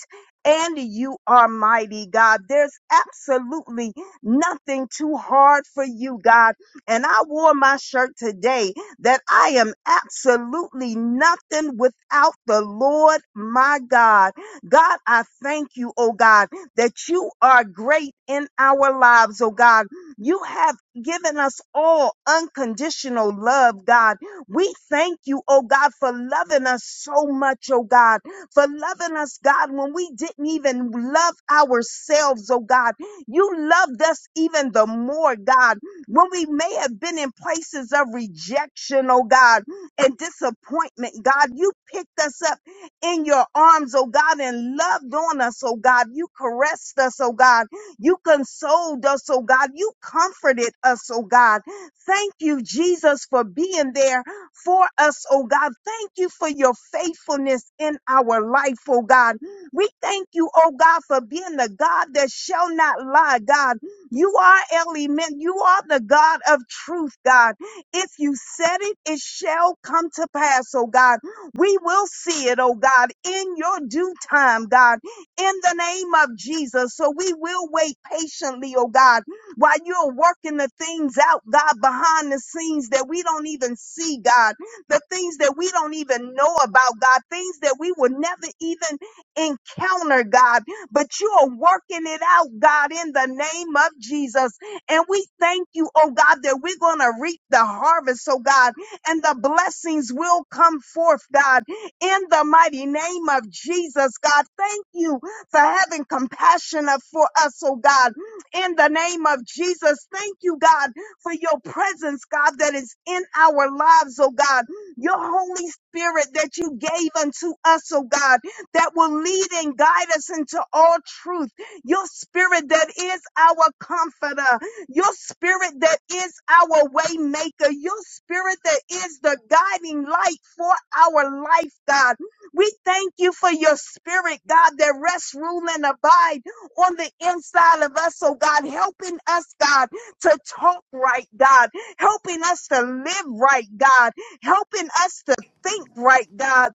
A: and you are mighty, God. There's absolutely nothing too hard for you, God. And I wore my shirt today that I am absolutely nothing without the Lord, my God. God, I thank you, oh God, that you are great in our lives, oh God. You have given us all unconditional love, God. We thank you, oh God, for loving us so much, oh God, for loving us, God, when we didn't even love ourselves, oh God. You loved us even the more, God, when we may have been in places of rejection, oh God, and disappointment, God. You picked us up in your arms, oh God, and loved on us, oh God. You caressed us, oh God. You consoled us, oh God. You comforted us, oh God. Thank you, Jesus, for being there for us, oh God. Thank you for your faithfulness in our life, oh God. We thank you, oh God, for being the God that shall not lie, God. You are element. You are the God of truth, God. If you said it, it shall come to pass, oh God. We will see it, oh God, in your due time, God in the name of Jesus. So we will wait patiently, oh God, while you're working the things out, God, behind the scenes that we don't even see, God, the things that we don't even know about, God, things that we will never even encounter, God, but you are working it out, God, in the name of Jesus. And we thank you, oh God, that we're going to reap the harvest, oh God, and the blessings will come forth, God, in the mighty name of Jesus, God. Thank you for having compassion of- for us, oh God. In the name of Jesus, thank you, God, for your presence, God, that is in our lives, oh God. Your Holy Spirit that you gave unto us, oh God, that will lead and guide us into all truth. Your spirit that is our comforter. Your spirit that is our way maker. Your spirit that is the guiding light for our life, God. We thank you for your spirit, God, that rests, rule, and abide on the inside of us. So, God, helping us, God, to talk right, God, helping us to live right, God, helping us to think right, God.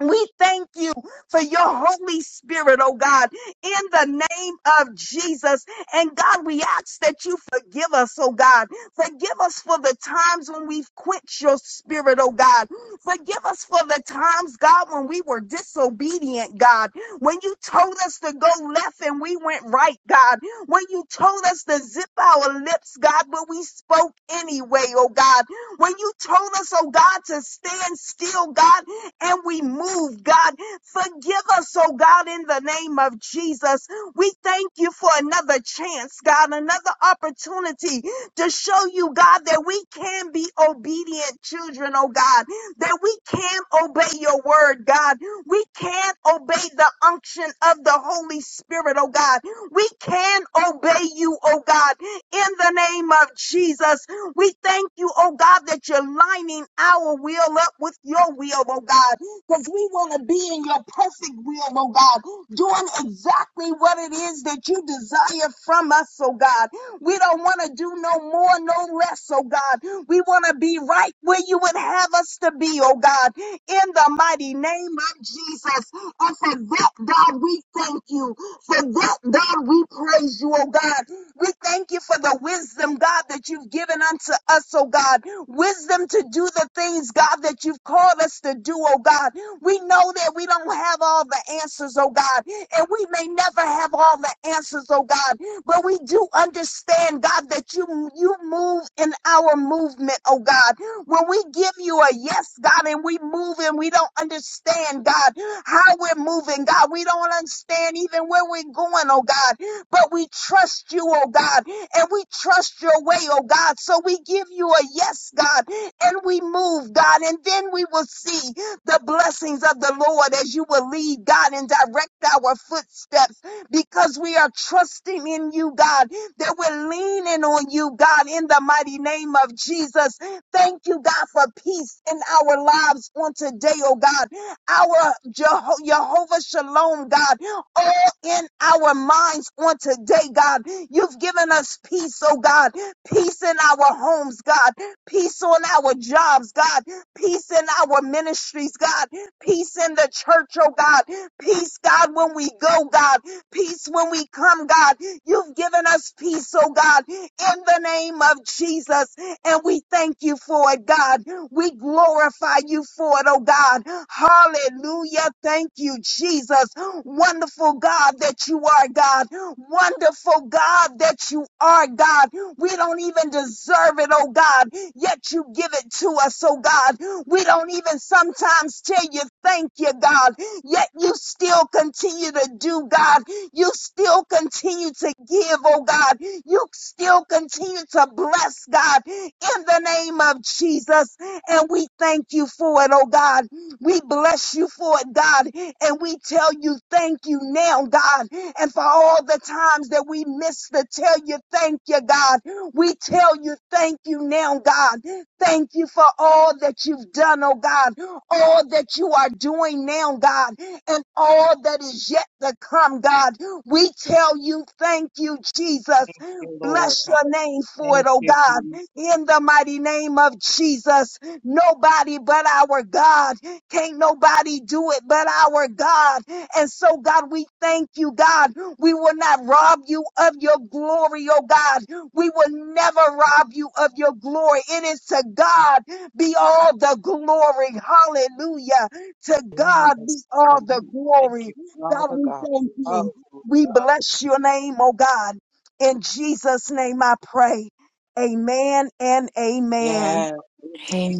A: We thank you for your Holy Spirit, oh God, in the name of Jesus. And God, we ask that you forgive us, oh God. Forgive us for the times when we've quenched your spirit, oh God. Forgive us for the times, God, when we were disobedient, God. When you told us to go left and we went right, God. When you told us to zip our lips, God, but we spoke anyway, oh God. When you told us, oh God, to stand still, God, and we move, God. Forgive us, oh God, in the name of Jesus. We thank you for another chance, God, another opportunity to show you, God, that we can be obedient children, oh God, that we can obey your word, God. We can obey the unction of the Holy Spirit, oh God. We can obey you, oh God, in the name of Jesus. We thank you, oh God, that you're lining our will up with your will, oh God, because we want to be in your perfect will, oh God, doing exactly what it is that you desire from us, oh God. We don't want to do no more, no less, oh God. We want to be right where you would have us to be, oh God, in the mighty name of Jesus. And for that, God, we thank you. For that, God, we praise you, oh God. We thank you for the wisdom, God, that you've given unto us, oh God. Wisdom to do the things, God, that you've called us to do, oh God. We know that we don't have all the answers, oh God, and we may never have all the answers, oh God, but we do understand, God, that you you move in our movement, oh God. When we give you a yes, God, and we move and we don't understand, God, how we're moving, God, we don't understand even where we're going, oh God. But we trust you, oh God, and we trust your way, oh God. So we give you a yes, God, and we move, God, and then we will see the blessings of the Lord as you will lead, God, and direct our footsteps because we are trusting in you, God, that we're leaning on you, God, in the mighty name of Jesus. Thank you, God, for peace in our lives on today, oh God. Our Jeho- Jehovah Shalom, God all in our minds on today, God. You've given us peace, oh God. Peace in our homes, God. Peace on our jobs, God. Peace in our ministries, God. Peace in the church, oh God. Peace, God, when we go, God. Peace when we come, God. You've given us peace, oh God, in the name of Jesus. And we thank you for it, God. We glorify you for it, oh God. Hallelujah. Thank you, Jesus. Wonderful God that you are, God. Wonderful God that you are, God. We don't even deserve it, oh God. Yet you give it to us, oh God. We don't even sometimes tell you thank you, God. Yet you still continue to do, God. You still continue to give, oh God. You still continue to bless, God, in the name of Jesus. And we thank you for it, oh God. We bless you for it, God. And we tell you thank you now, God. And for all the times that we miss to tell you thank you, God. We tell you thank you now, God. Thank you for all that you've done, oh God. All that you are doing now, God. And all that is yet to come, God. We tell you thank you, Jesus.
F: you, Lord
A: Bless
F: God.
A: your name for it,
F: Thank
A: oh
F: you,
A: God.
F: Jesus.
A: In the mighty name of Jesus. Nobody but our God. Can't nobody do it but our God. And so, God, we thank you, God. We will not rob you of your glory, oh God. We will never rob you of your glory. It is to God be all the glory. Hallelujah. To
F: Yes,
A: God be all the
F: hallelujah. Thank
A: glory.
F: you,
A: God,
F: Father
A: we
F: God.
A: thank you. We
F: Hallelujah.
A: bless your name, oh God. In Jesus' name I pray. Amen and amen.
F: Yes,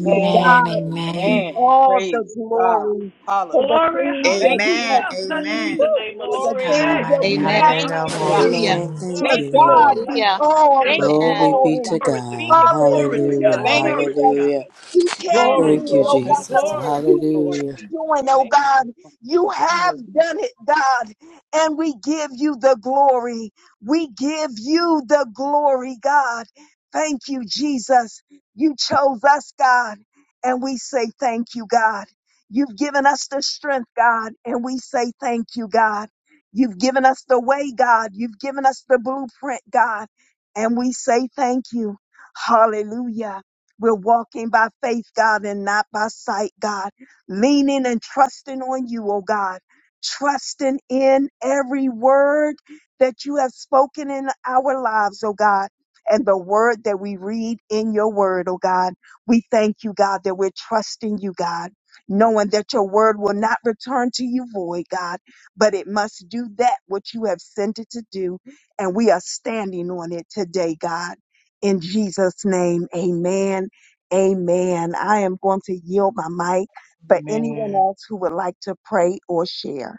A: To
F: amen,
A: God be
C: amen.
F: amen.
A: all the
F: Praise God.
A: glory
F: Hallelujah.
A: for the
E: Glory,
A: things that
F: Thank you,
A: we
F: God.
G: Amen.
A: have
E: hallelujah. Blessed be
G: Amen.
A: seen,
E: the
F: Woo,
E: name of
A: for
E: the
A: the
E: Lord.
F: glory,
A: things
E: Yay,
F: Lord.
A: that
F: We
C: God,
A: we
F: say
H: Amen.
E: yay,
A: have
F: thank
A: not
F: you,
C: hallelujah.
F: God.
E: hallelujah.
A: seen.
H: Hallelujah.
B: Amen. Thank
A: To
E: Glory
F: Thank
B: you,
E: to
F: you,
E: God.
A: God
F: Lord
B: Lord.
E: Yes,
F: God.
A: be
H: Hallelujah.
E: Father.
A: all
E: Yes,
F: Thank
A: the
F: you
E: Lord.
F: for
B: Glory
H: Amen.
B: be
F: Lord God
B: to
A: glory.
E: Glory to
B: God.
E: God.
F: speaking to this
E: Glory to
F: prayer.
A: Hallelujah,
E: God.
B: Hallelujah.
F: Thank
H: Glory,
F: you,
E: Glory to
A: Jesus.
F: Jesus.
E: God.
B: Hallelujah.
A: You can
H: glory,
F: Glory
B: Thank
A: do
B: you,
A: it,
F: be,
A: oh
H: glory,
E: Hallelujah.
B: Jesus.
H: glory,
F: glory be,
A: you is
F: glory
B: Hallelujah.
F: be
A: doing,
F: to your
A: oh
F: name.
A: God.
F: Lord God.
A: You have
F: Hallelujah.
A: done it, God. And we give you the glory. We give you the glory, God. Thank you, Jesus. You chose us, God. And we say thank you, God. You've given us the strength, God. And we say thank you, God. You've given us the way, God. You've given us the blueprint, God. And we say thank you. Hallelujah. We're walking by faith, God, and not by sight, God. Leaning and trusting on you, oh God. Trusting in every word that you have spoken in our lives, oh God. And the word that we read in your word, oh God. We thank you, God, that we're trusting you, God, knowing that your word will not return to you void, God, but it must do that which you have sent it to do. And we are standing on it today, God. In Jesus' name, amen Amen. I am going to yield my mic for anyone
F: Amen.
A: else who would like to pray or share.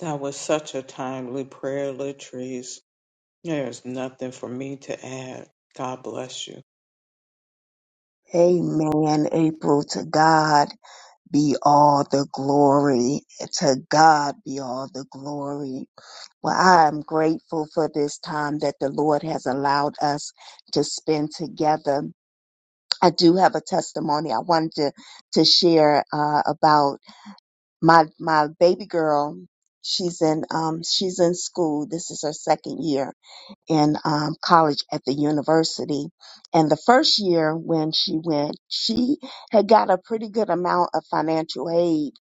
F: That was such a timely prayer, Latrice. There's nothing for me to add. God bless you.
A: Amen. April, to God be all the glory. To God be all the glory. Well, I am grateful for this time that the Lord has allowed us to spend together. I do have a testimony I wanted to, to share uh, about my my baby girl. She's in um, she's in school. This is her second year, in um, college at the university. And the first year when she went, she had got a pretty good amount of financial aid.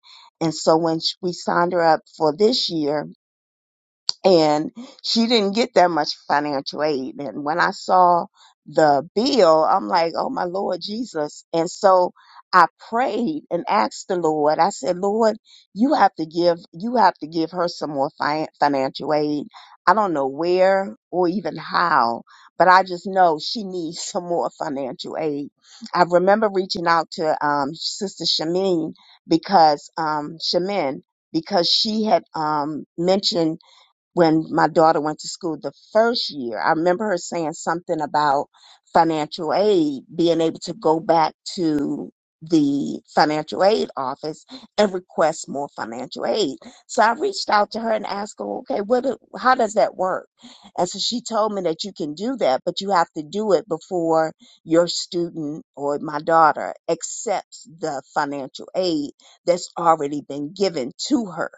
A: And so when sh- we signed her up for this year, and she didn't get that much financial aid. And when I saw the bill, I'm like, oh my Lord Jesus. And so I prayed and asked the Lord, I said, Lord, you have to give, you have to give her some more fi- financial aid. I don't know where or even how, but I just know she needs <laughs> some more financial aid. I remember reaching out to um, Sister Shamin because um, Shamin because she had um, mentioned when my daughter went to school the first year, I remember her saying something about financial aid, being able to go back to the financial aid office and request more financial aid. So I reached out to her and asked her, okay, what, do- how does that work? And so she told me that you can do that, but you have to do it before your student or my daughter accepts the financial aid that's already been given to her.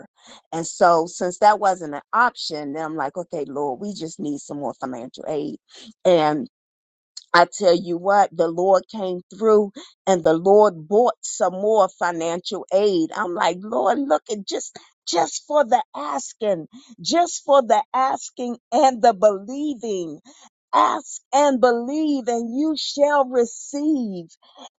A: And so, since that wasn't an option, then I'm like, okay, Lord, we just need some more financial aid. And I tell you what, the Lord came through and the Lord bought some more financial aid. I'm like, Lord, look at just, just for the asking, just for the asking and the believing ask and believe and you shall receive.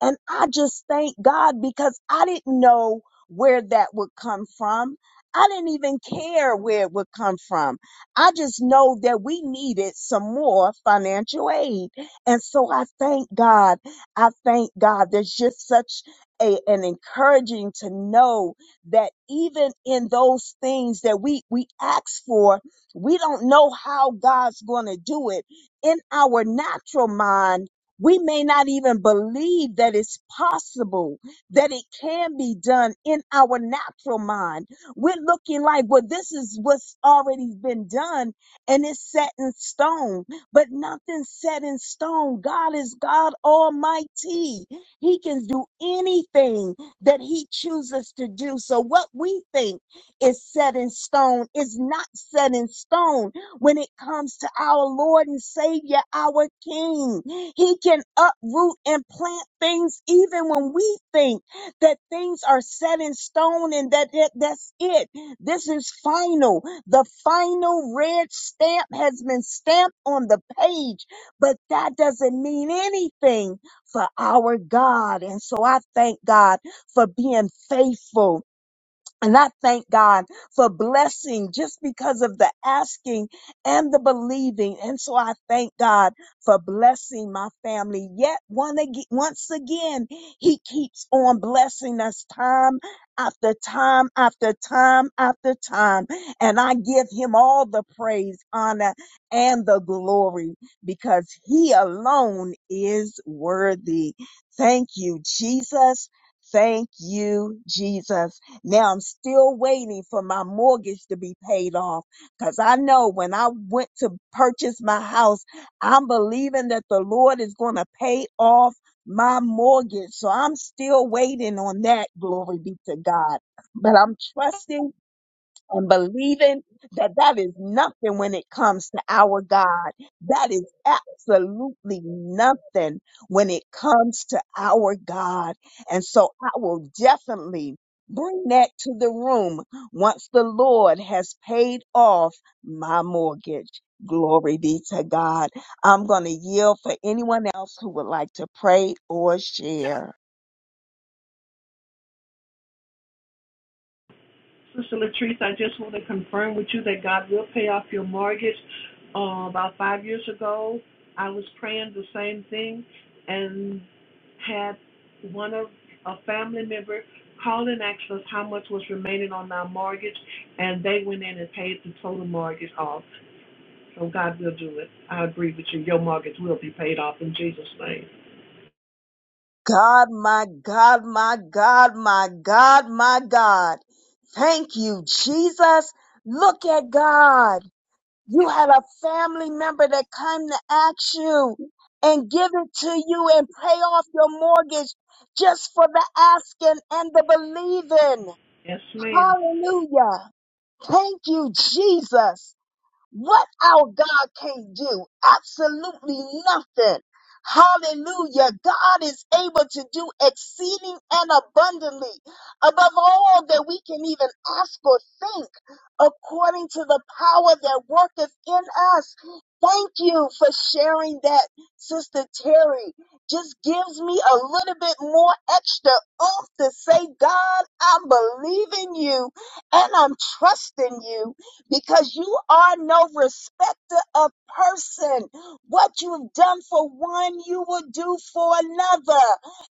A: And I just thank God because I didn't know where that would come from. I didn't even care where it would come from. I just know that we needed some more financial aid. And so I thank God. I thank God. There's just such a, an encouraging to know that even in those things that we, we ask for, we don't know how God's going to do it in our natural mind, we may not even believe that it's possible, that it can be done in our natural mind. We're looking like, well, this is what's already been done and it's set in stone, but nothing's set in stone. God is God Almighty. He can do anything that He chooses to do. So what we think is set in stone is not set in stone when it comes to our Lord and Savior, our King. He can uproot and plant things even when we think that things are set in stone and that that- that's it. This is final. The final red stamp has been stamped on the page, but that doesn't mean anything for our God. And so I thank God for being faithful. And I thank God for blessing just because of the asking and the believing. And so I thank God for blessing my family. Yet one ag- once again, He keeps on blessing us time after time after time after time. And I give Him all the praise, honor, and the glory because He alone is worthy. Thank you, Jesus. Thank you, Jesus. Now I'm still waiting for my mortgage to be paid off because I know when I went to purchase my house, I'm believing that the Lord is going to pay off my mortgage. So I'm still waiting on that. Glory be to God. But I'm trusting and believing that that is nothing when it comes to our God. That is absolutely nothing when it comes to our God. And so I will definitely bring that to the room once the Lord has paid off my mortgage. Glory be to God. I'm going to yield for anyone else who would like to pray or share.
E: Sister Latrice, I just want to confirm with you that God will pay off your mortgage. Uh, about five years ago, I was praying the same thing and had one of a family member call and ask us how much was remaining on our mortgage, and they went in and paid the total mortgage off. So God will do it. I agree with you. Your mortgage will be paid off in Jesus' name.
A: God, my God, my God, my God, my God. Thank you, Jesus. Look at God. You had a family member that came to ask you and give it to you and pay off your mortgage just for the asking and the believing.
E: Yes, ma'am.
A: Hallelujah. Thank you, Jesus. What our God can't do? Absolutely nothing. Hallelujah. God is able to do exceeding and abundantly above all that we can even ask or think according to the power that worketh in us. Thank you for sharing that, Sister Terry. Just gives me a little bit more extra oomph to say, God, I'm believing you and I'm trusting you because you are no respecter of person. What you've done for one, you will do for another.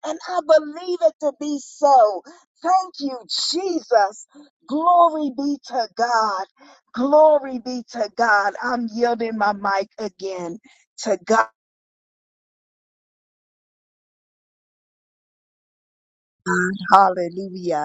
A: And I believe it to be so. Thank you, Jesus. Glory be to God. Glory be to God. I'm yielding my mic again to God. Hallelujah.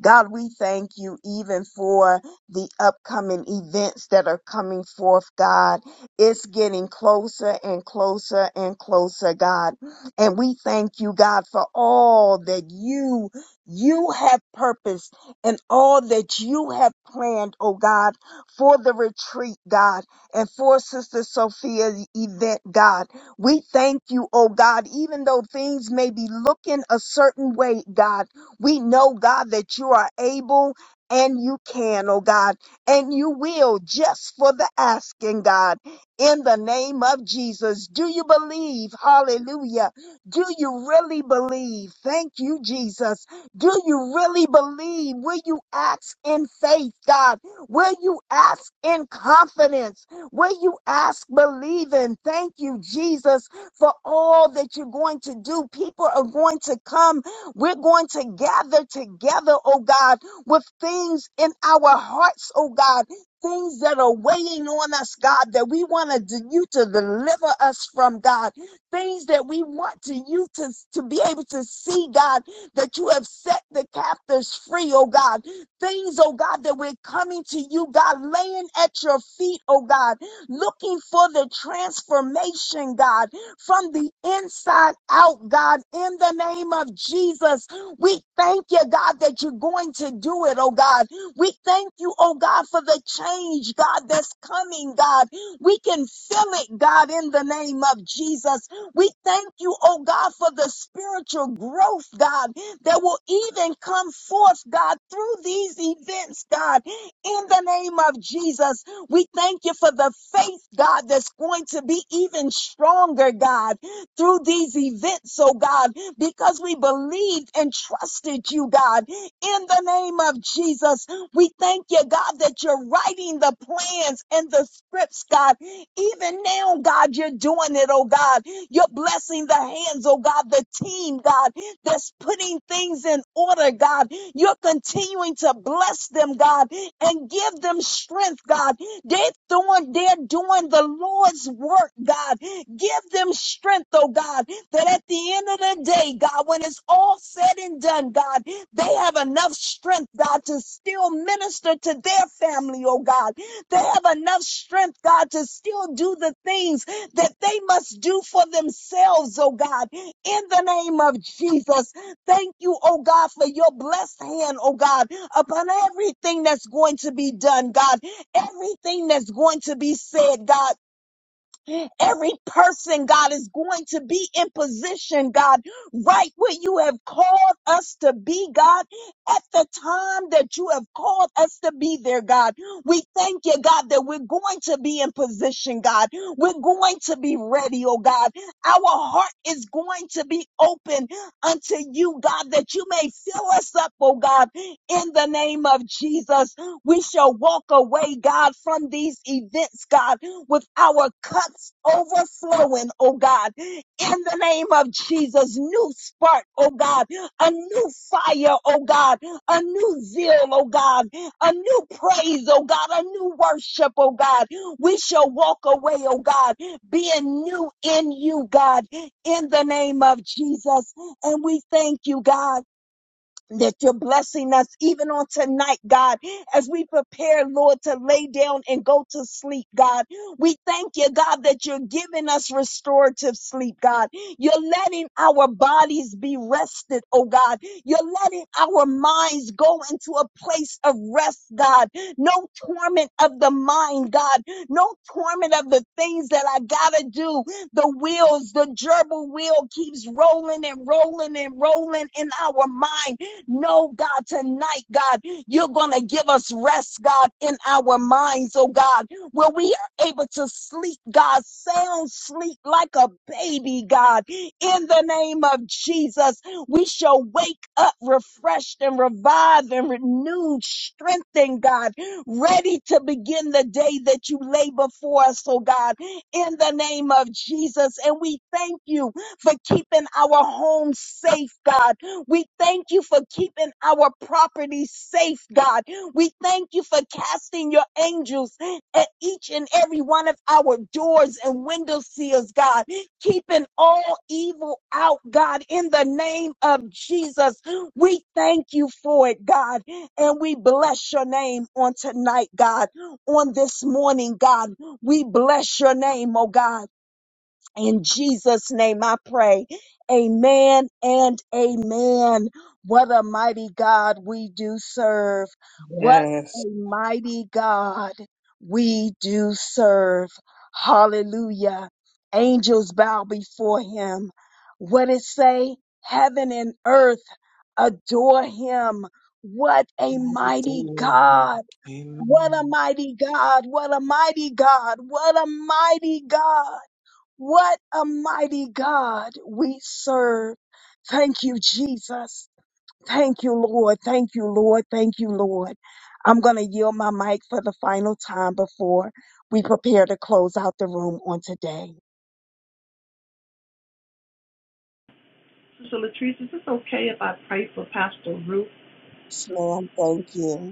A: God, we thank you even for the upcoming events that are coming forth, God. It's getting closer and closer and closer, God. And we thank you, God, for all that you you have purposed and all that you have planned, oh God, for the retreat, God, and for Sister Sophia's event, God. We thank you, oh God, even though things may be looking a certain way, God. We know, God, that you are able and you can, oh God, and you will just for the asking, God, in the name of Jesus. Do you believe? Hallelujah. Do you really believe? Thank you, Jesus. Do you really believe? Will you ask in faith, God? Will you ask in confidence? Will you ask believing? Thank you, Jesus, for all that you're going to do. People are going to come we're going to gather together, oh God, with things in our hearts, oh God, things that are weighing on us, God, that we want to you to deliver us from, God, things that we want to you to, to be able to see, God, that you have set the captives free, oh God, things, oh God, that we're coming to you, God, laying at your feet, oh God, looking for the transformation, God, from the inside out, God, in the name of Jesus. We thank you, God, that you're going to do it, oh God. We thank you, oh God, for the change, God, that's coming, God. We can feel it, God, in the name of Jesus. We thank you, oh God, for the spiritual growth, God, that will even come forth, God, through these events, God, in the name of Jesus. We thank you for the faith, God, that's going to be even stronger, God, through these events, oh God, because we believed and trusted you, God. In the name of Jesus, we thank you, God, that you're writing the plans and the scripts, God. Even now, God, you're doing it, oh God. You're blessing the hands, oh God, the team, God, that's putting things in order, God. You're continuing to bless them, God, and give them strength, God. They're doing, they're doing the Lord's work, God. Give them strength, oh God, that at the end of the day, God, when it's all said and done, God, they have enough strength, God, to still minister to their family, oh God. They have enough strength, God, to still do the things that they must do for themselves, oh God. In the name of Jesus, thank you, oh God, for your blessed hand, oh God upon everything that's going to be done, God, everything that's going to be said, God. Every person, God, is going to be in position, God, right where you have called us to be, God, at the time that you have called us to be there, God. We thank you, God, that we're going to be in position, God. We're going to be ready, oh God. Our heart is going to be open unto you, God, that you may fill us up, oh God, in the name of Jesus. We shall walk away, God, from these events, God with our cups overflowing, oh God, in the name of Jesus. New spark, oh God, a new fire, oh God, a new zeal, oh God, a new praise, oh God, a new worship, oh God. We shall walk away, oh God, being new in you, God, in the name of Jesus. And we thank you, God that you're blessing us even on tonight, God, as we prepare, Lord, to lay down and go to sleep, God. We thank you, God, that you're giving us restorative sleep, God. You're letting our bodies be rested, oh God. You're letting our minds go into a place of rest, God. No torment of the mind, God. No torment of the things that I gotta do. The wheels, the gerbil wheel keeps rolling and rolling and rolling in our mind no, God, tonight, God, you're going to give us rest, God, in our minds, oh God, where we are able to sleep, God, sound sleep like a baby, God. In the name of Jesus, we shall wake up refreshed and revived and renewed, strengthened, God, ready to begin the day that you lay before us, oh God, in the name of Jesus. And we thank you for keeping our homes safe, God we thank you for keeping our property safe, God. We thank you for casting your angels at each and every one of our doors and window seals, God, keeping all evil out, God, in the name of Jesus. We thank you for it, God, and we bless your name on tonight, God, on this morning, God. We bless your name, oh God. In Jesus' name I pray. Amen and amen. What a mighty God we do serve. What a
F: Yes.
A: mighty God we do serve. Hallelujah. Angels bow before him. What it say? Heaven and earth adore him. What a
F: Mighty
A: mighty
F: God.
A: God. What
F: Amen.
A: a mighty God. What a mighty God. What a mighty God. What a mighty God we serve. Thank you, Jesus. Thank you, Lord. Thank you, Lord. Thank you, Lord. I'm going to yield my mic for the final time before we prepare to close out the room on today.
E: Sister Latrice, is this okay if I pray for Pastor Ruth?
A: Yes, ma'am. Thank you.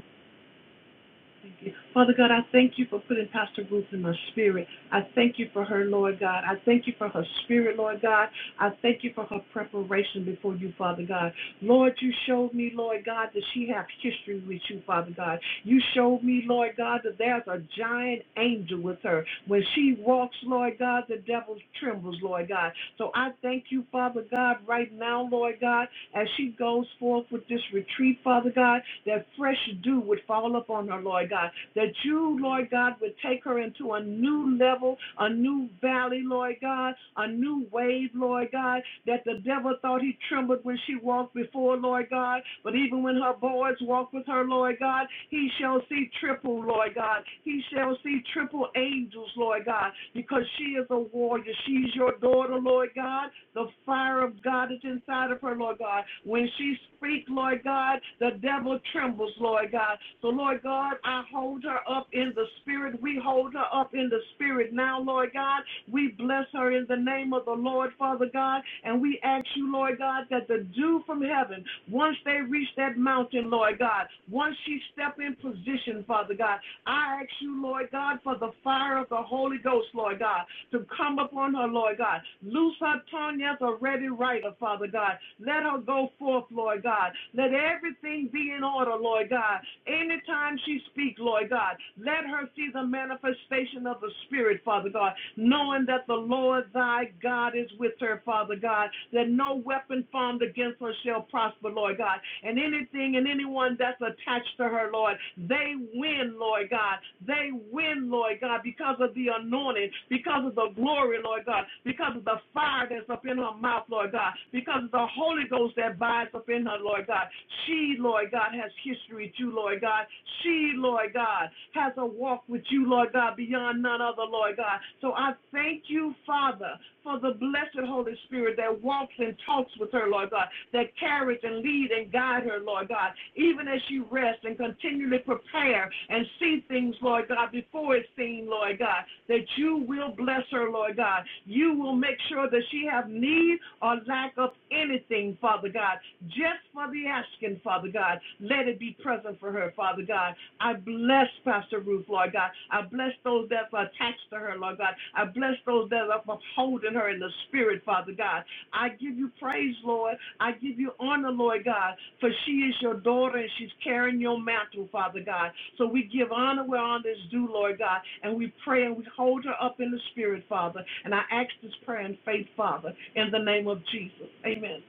E: Thank you. Father God, I thank you for putting Pastor Ruth in my spirit. I thank you for her, Lord God. I thank you for her spirit, Lord God. I thank you for her preparation before you, Father God. Lord, you showed me, Lord God, that she has history with you, Father God. You showed me, Lord God, that there's a giant angel with her. When she walks, Lord God, the devil trembles, Lord God. So I thank you, Father God, right now, Lord God, as she goes forth with this retreat, Father God, that fresh dew would fall upon her, Lord God, that you, Lord God, would take her into a new level, a new valley, Lord God, a new wave, Lord God, that the devil thought he trembled when she walked before, Lord God, but even when her boys walk with her, Lord God, he shall see triple, Lord God. He shall see triple angels, Lord God, because she is a warrior. She's your daughter, Lord God, the fire fire of God that's inside of her, Lord God. When she speaks, Lord God, the devil trembles, Lord God. So, Lord God, I hold her up in the spirit. We hold her up in the spirit now, Lord God. We bless her in the name of the Lord, Father God. And we ask you, Lord God, that the dew from heaven, once they reach that mountain, Lord God, once she step in position, Father God, I ask you, Lord God, for the fire of the Holy Ghost, Lord God to come upon her, Lord God. Loose her tongue as a ready writer, Father God. Let her go forth, Lord God. Let everything be in order, Lord God. Anytime she speaks, Lord God, let her see the manifestation of the Spirit, Father God, knowing that the Lord thy God is with her, Father God, that no weapon formed against her shall prosper, Lord God. And anything and anyone that that's attached to her, Lord. They win, Lord God. They win, Lord God, because of the anointing, because of the glory, Lord God, because of the fire that's up in her mouth, Lord God, because of the Holy Ghost that binds up in her, Lord God. She, Lord God, has history too, Lord God. She, Lord God, has a walk with you, Lord God, beyond none other, Lord God. So I thank you, Father, for the blessed Holy Spirit that walks and talks with her, Lord God, that carries and leads and guides her, Lord God, even as she rests and continually prepare and see things, Lord God, before it's seen, Lord God, that you will bless her, Lord God. You will make sure that she have need or lack of anything, Father God, just for the asking, Father God. Let it be present for her, Father God. I bless Pastor Ruth, Lord God. I bless those that are attached to her, Lord God. I bless those that are upholding her in the spirit, Father God. I give you praise, Lord. I give you honor, Lord God, for she is your daughter and she's carrying your mantle, Father God. So we give honor where honor is due, Lord God, and we pray and we hold her up in the spirit, Father. And I ask this prayer in faith, Father, in the name of Jesus. Amen.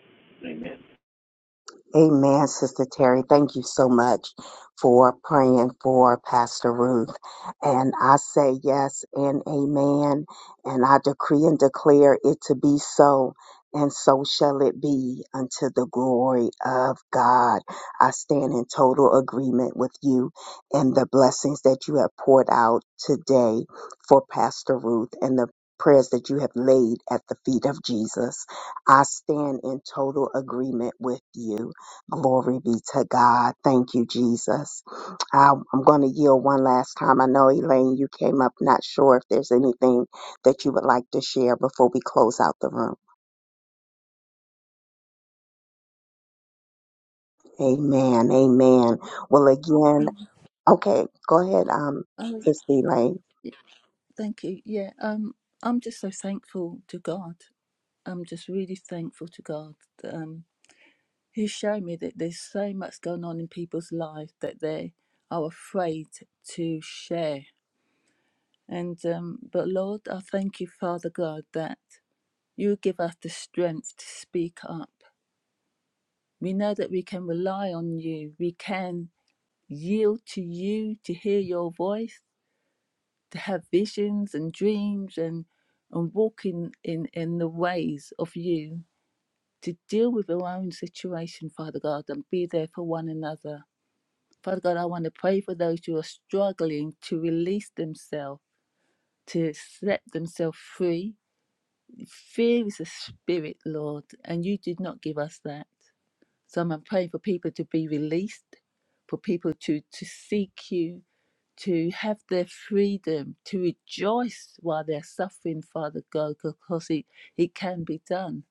E: Amen.
A: Amen, Sister Terry. Thank you so much for praying for Pastor Ruth. And I say yes and amen. And I decree and declare it to be so. And so shall it be unto the glory of God. I stand in total agreement with you and the blessings that you have poured out today for Pastor Ruth and the prayers that you have laid at the feet of Jesus. I stand in total agreement with you Glory be to God. Thank you, Jesus. I, I'm going to yield one last time. I know, Elaine, you came up. Not sure if there's anything that you would like to share before we close out the room. Amen. Amen. Well, then, okay. Um,
I: Oh, thank you. Yeah, um, I'm just so thankful to God. I'm just really thankful to God. Um, He's shown me that there's so much going on in people's lives that they are afraid to share. And um, but Lord, I thank you, Father God, that you give us the strength to speak up. We know that we can rely on you. We can yield to you to hear your voice to have visions and dreams and and walking in in in the ways of you to deal with our own situation father god and be there for one another father god i want to pray for those who are struggling to release themselves to set themselves free fear is a spirit lord and you did not give us that so I'm praying for people to be released, for people to, to seek you, to have their freedom, to rejoice while they're suffering, Father God, because it, it can be done.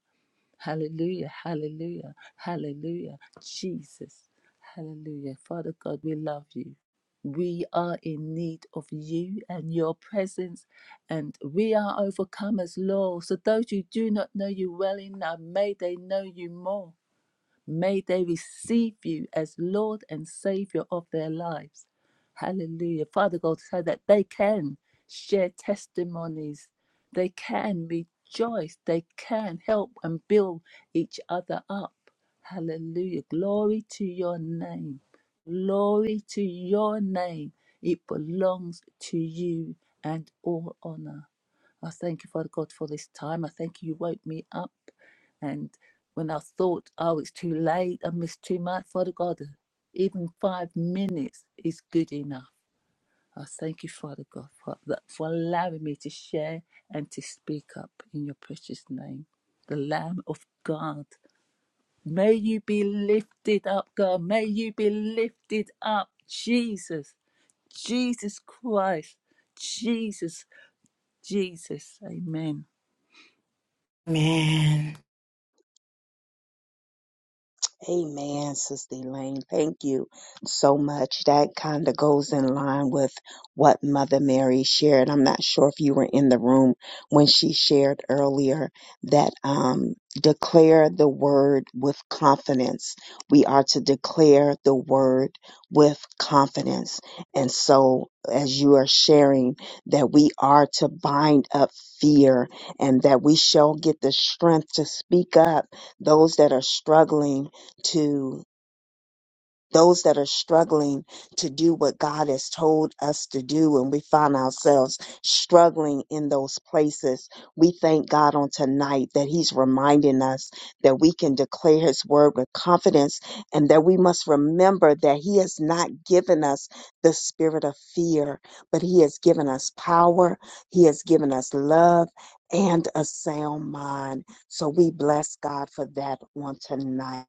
I: Hallelujah, hallelujah, hallelujah. Jesus, hallelujah. Father God, we love you. We are in need of you and your presence, and we are overcomers, Lord. So, those who do not know you well enough, may they know you more. May they receive you as Lord and Savior of their lives. Hallelujah. Father God, so that they can share testimonies, they can rejoice, they can help and build each other up. Hallelujah. Glory to your name. Glory to your name. It belongs to you and all honor. I thank you, Father God, for this time. I thank you, you woke me up. and when I thought, oh, it's too late, I missed too much. Father God, uh, even five minutes is good enough. I thank you, Father God, for, that, for allowing me to share and to speak up in your precious name. The Lamb of God, may you be lifted up, God. May you be lifted up, Jesus, Jesus Christ, Jesus, Jesus. Amen.
C: Amen.
A: Amen, Sister Elaine. Thank you so much. That kind of goes in line with what Mother Mary shared. I'm not sure if you were in the room when she shared earlier that um, declare the word with confidence. We are to declare the word with confidence. And so, as you are sharing, that we are to bind up fear and that we shall get the strength to speak up those that are struggling to those that are struggling to do what God has told us to do, and we find ourselves struggling in those places. We thank God on tonight that He's reminding us that we can declare His word with confidence and that we must remember that He has not given us the spirit of fear, but He has given us power, He has given us love, and a sound mind. So we bless God for that on tonight.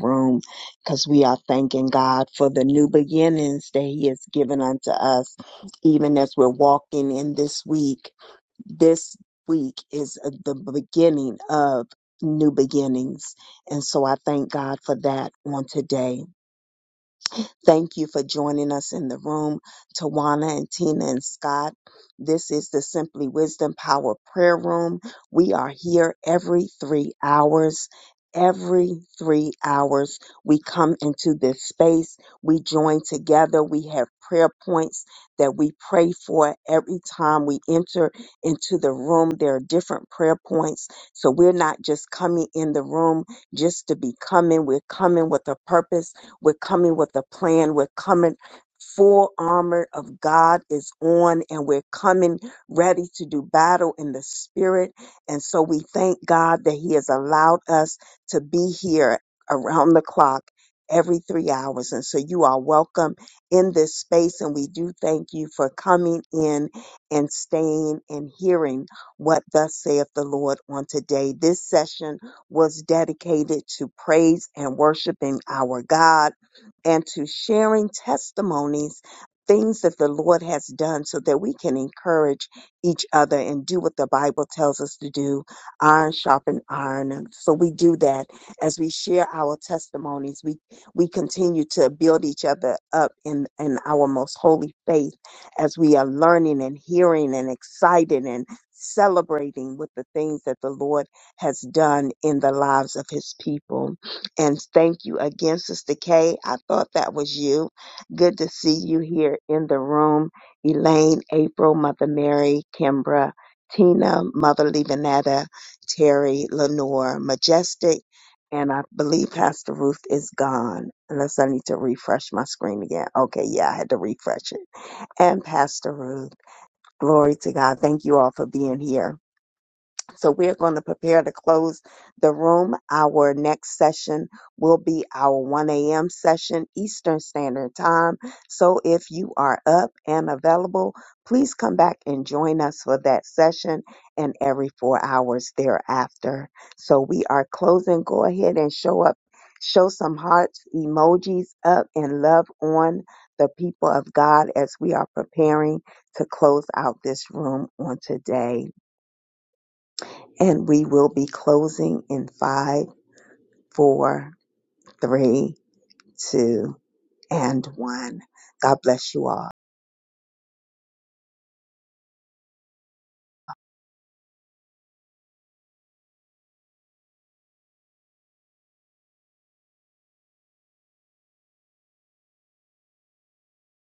A: room because we are thanking God for the new beginnings that He has given unto us, even as we're walking in this week. This week is uh, the beginning of new beginnings. And so I thank God for that on today. Thank you for joining us in the room, Tawana and Tina and Scott. This is the Simply Wisdom Power Prayer Room. We are here every three hours. Every three hours, we come into this space. We join together. We have prayer points that we pray for every time we enter into the room. There are different prayer points. So we're not just coming in the room just to be coming. We're coming with a purpose we're coming with a plan. We're coming. Full armor of God is on, and we're coming ready to do battle in the spirit. And so we thank God that He has allowed us to be here around the clock every three hours. And so you are welcome in this space. And we do thank you for coming in and staying and hearing what thus saith the Lord on today. This session was dedicated to praise and worshiping our God and to sharing testimonies, things that the Lord has done so that we can encourage each other and do what the Bible tells us to do iron sharpen iron. And so we do that as we share our testimonies. We, we continue to build each other up in, in our most holy faith as we are learning and hearing and excited and celebrating with the things that the Lord has done in the lives of his people and thank you again, Sister Kay. I thought that was you. Good to see you here in the room. Elaine, April, Mother Mary, Kimbra, Tina, Mother Levinetta, Terry, Lenore, Majestic, and I believe Pastor Ruth is gone. Unless I need to refresh my screen again. Okay, yeah, I had to refresh it. And Pastor Ruth, glory to God. Thank you all for being here. So we're going to prepare to close the room. Our next session will be our 1 a.m. session, Eastern Standard Time. So if you are up and available, please come back and join us for that session and every four hours thereafter. So we are closing. Go ahead and show up. Show some hearts, emojis up, and love on the people of God as we are preparing to close out this room on today. And we will be closing in five, four, three, two, and one. God bless you all.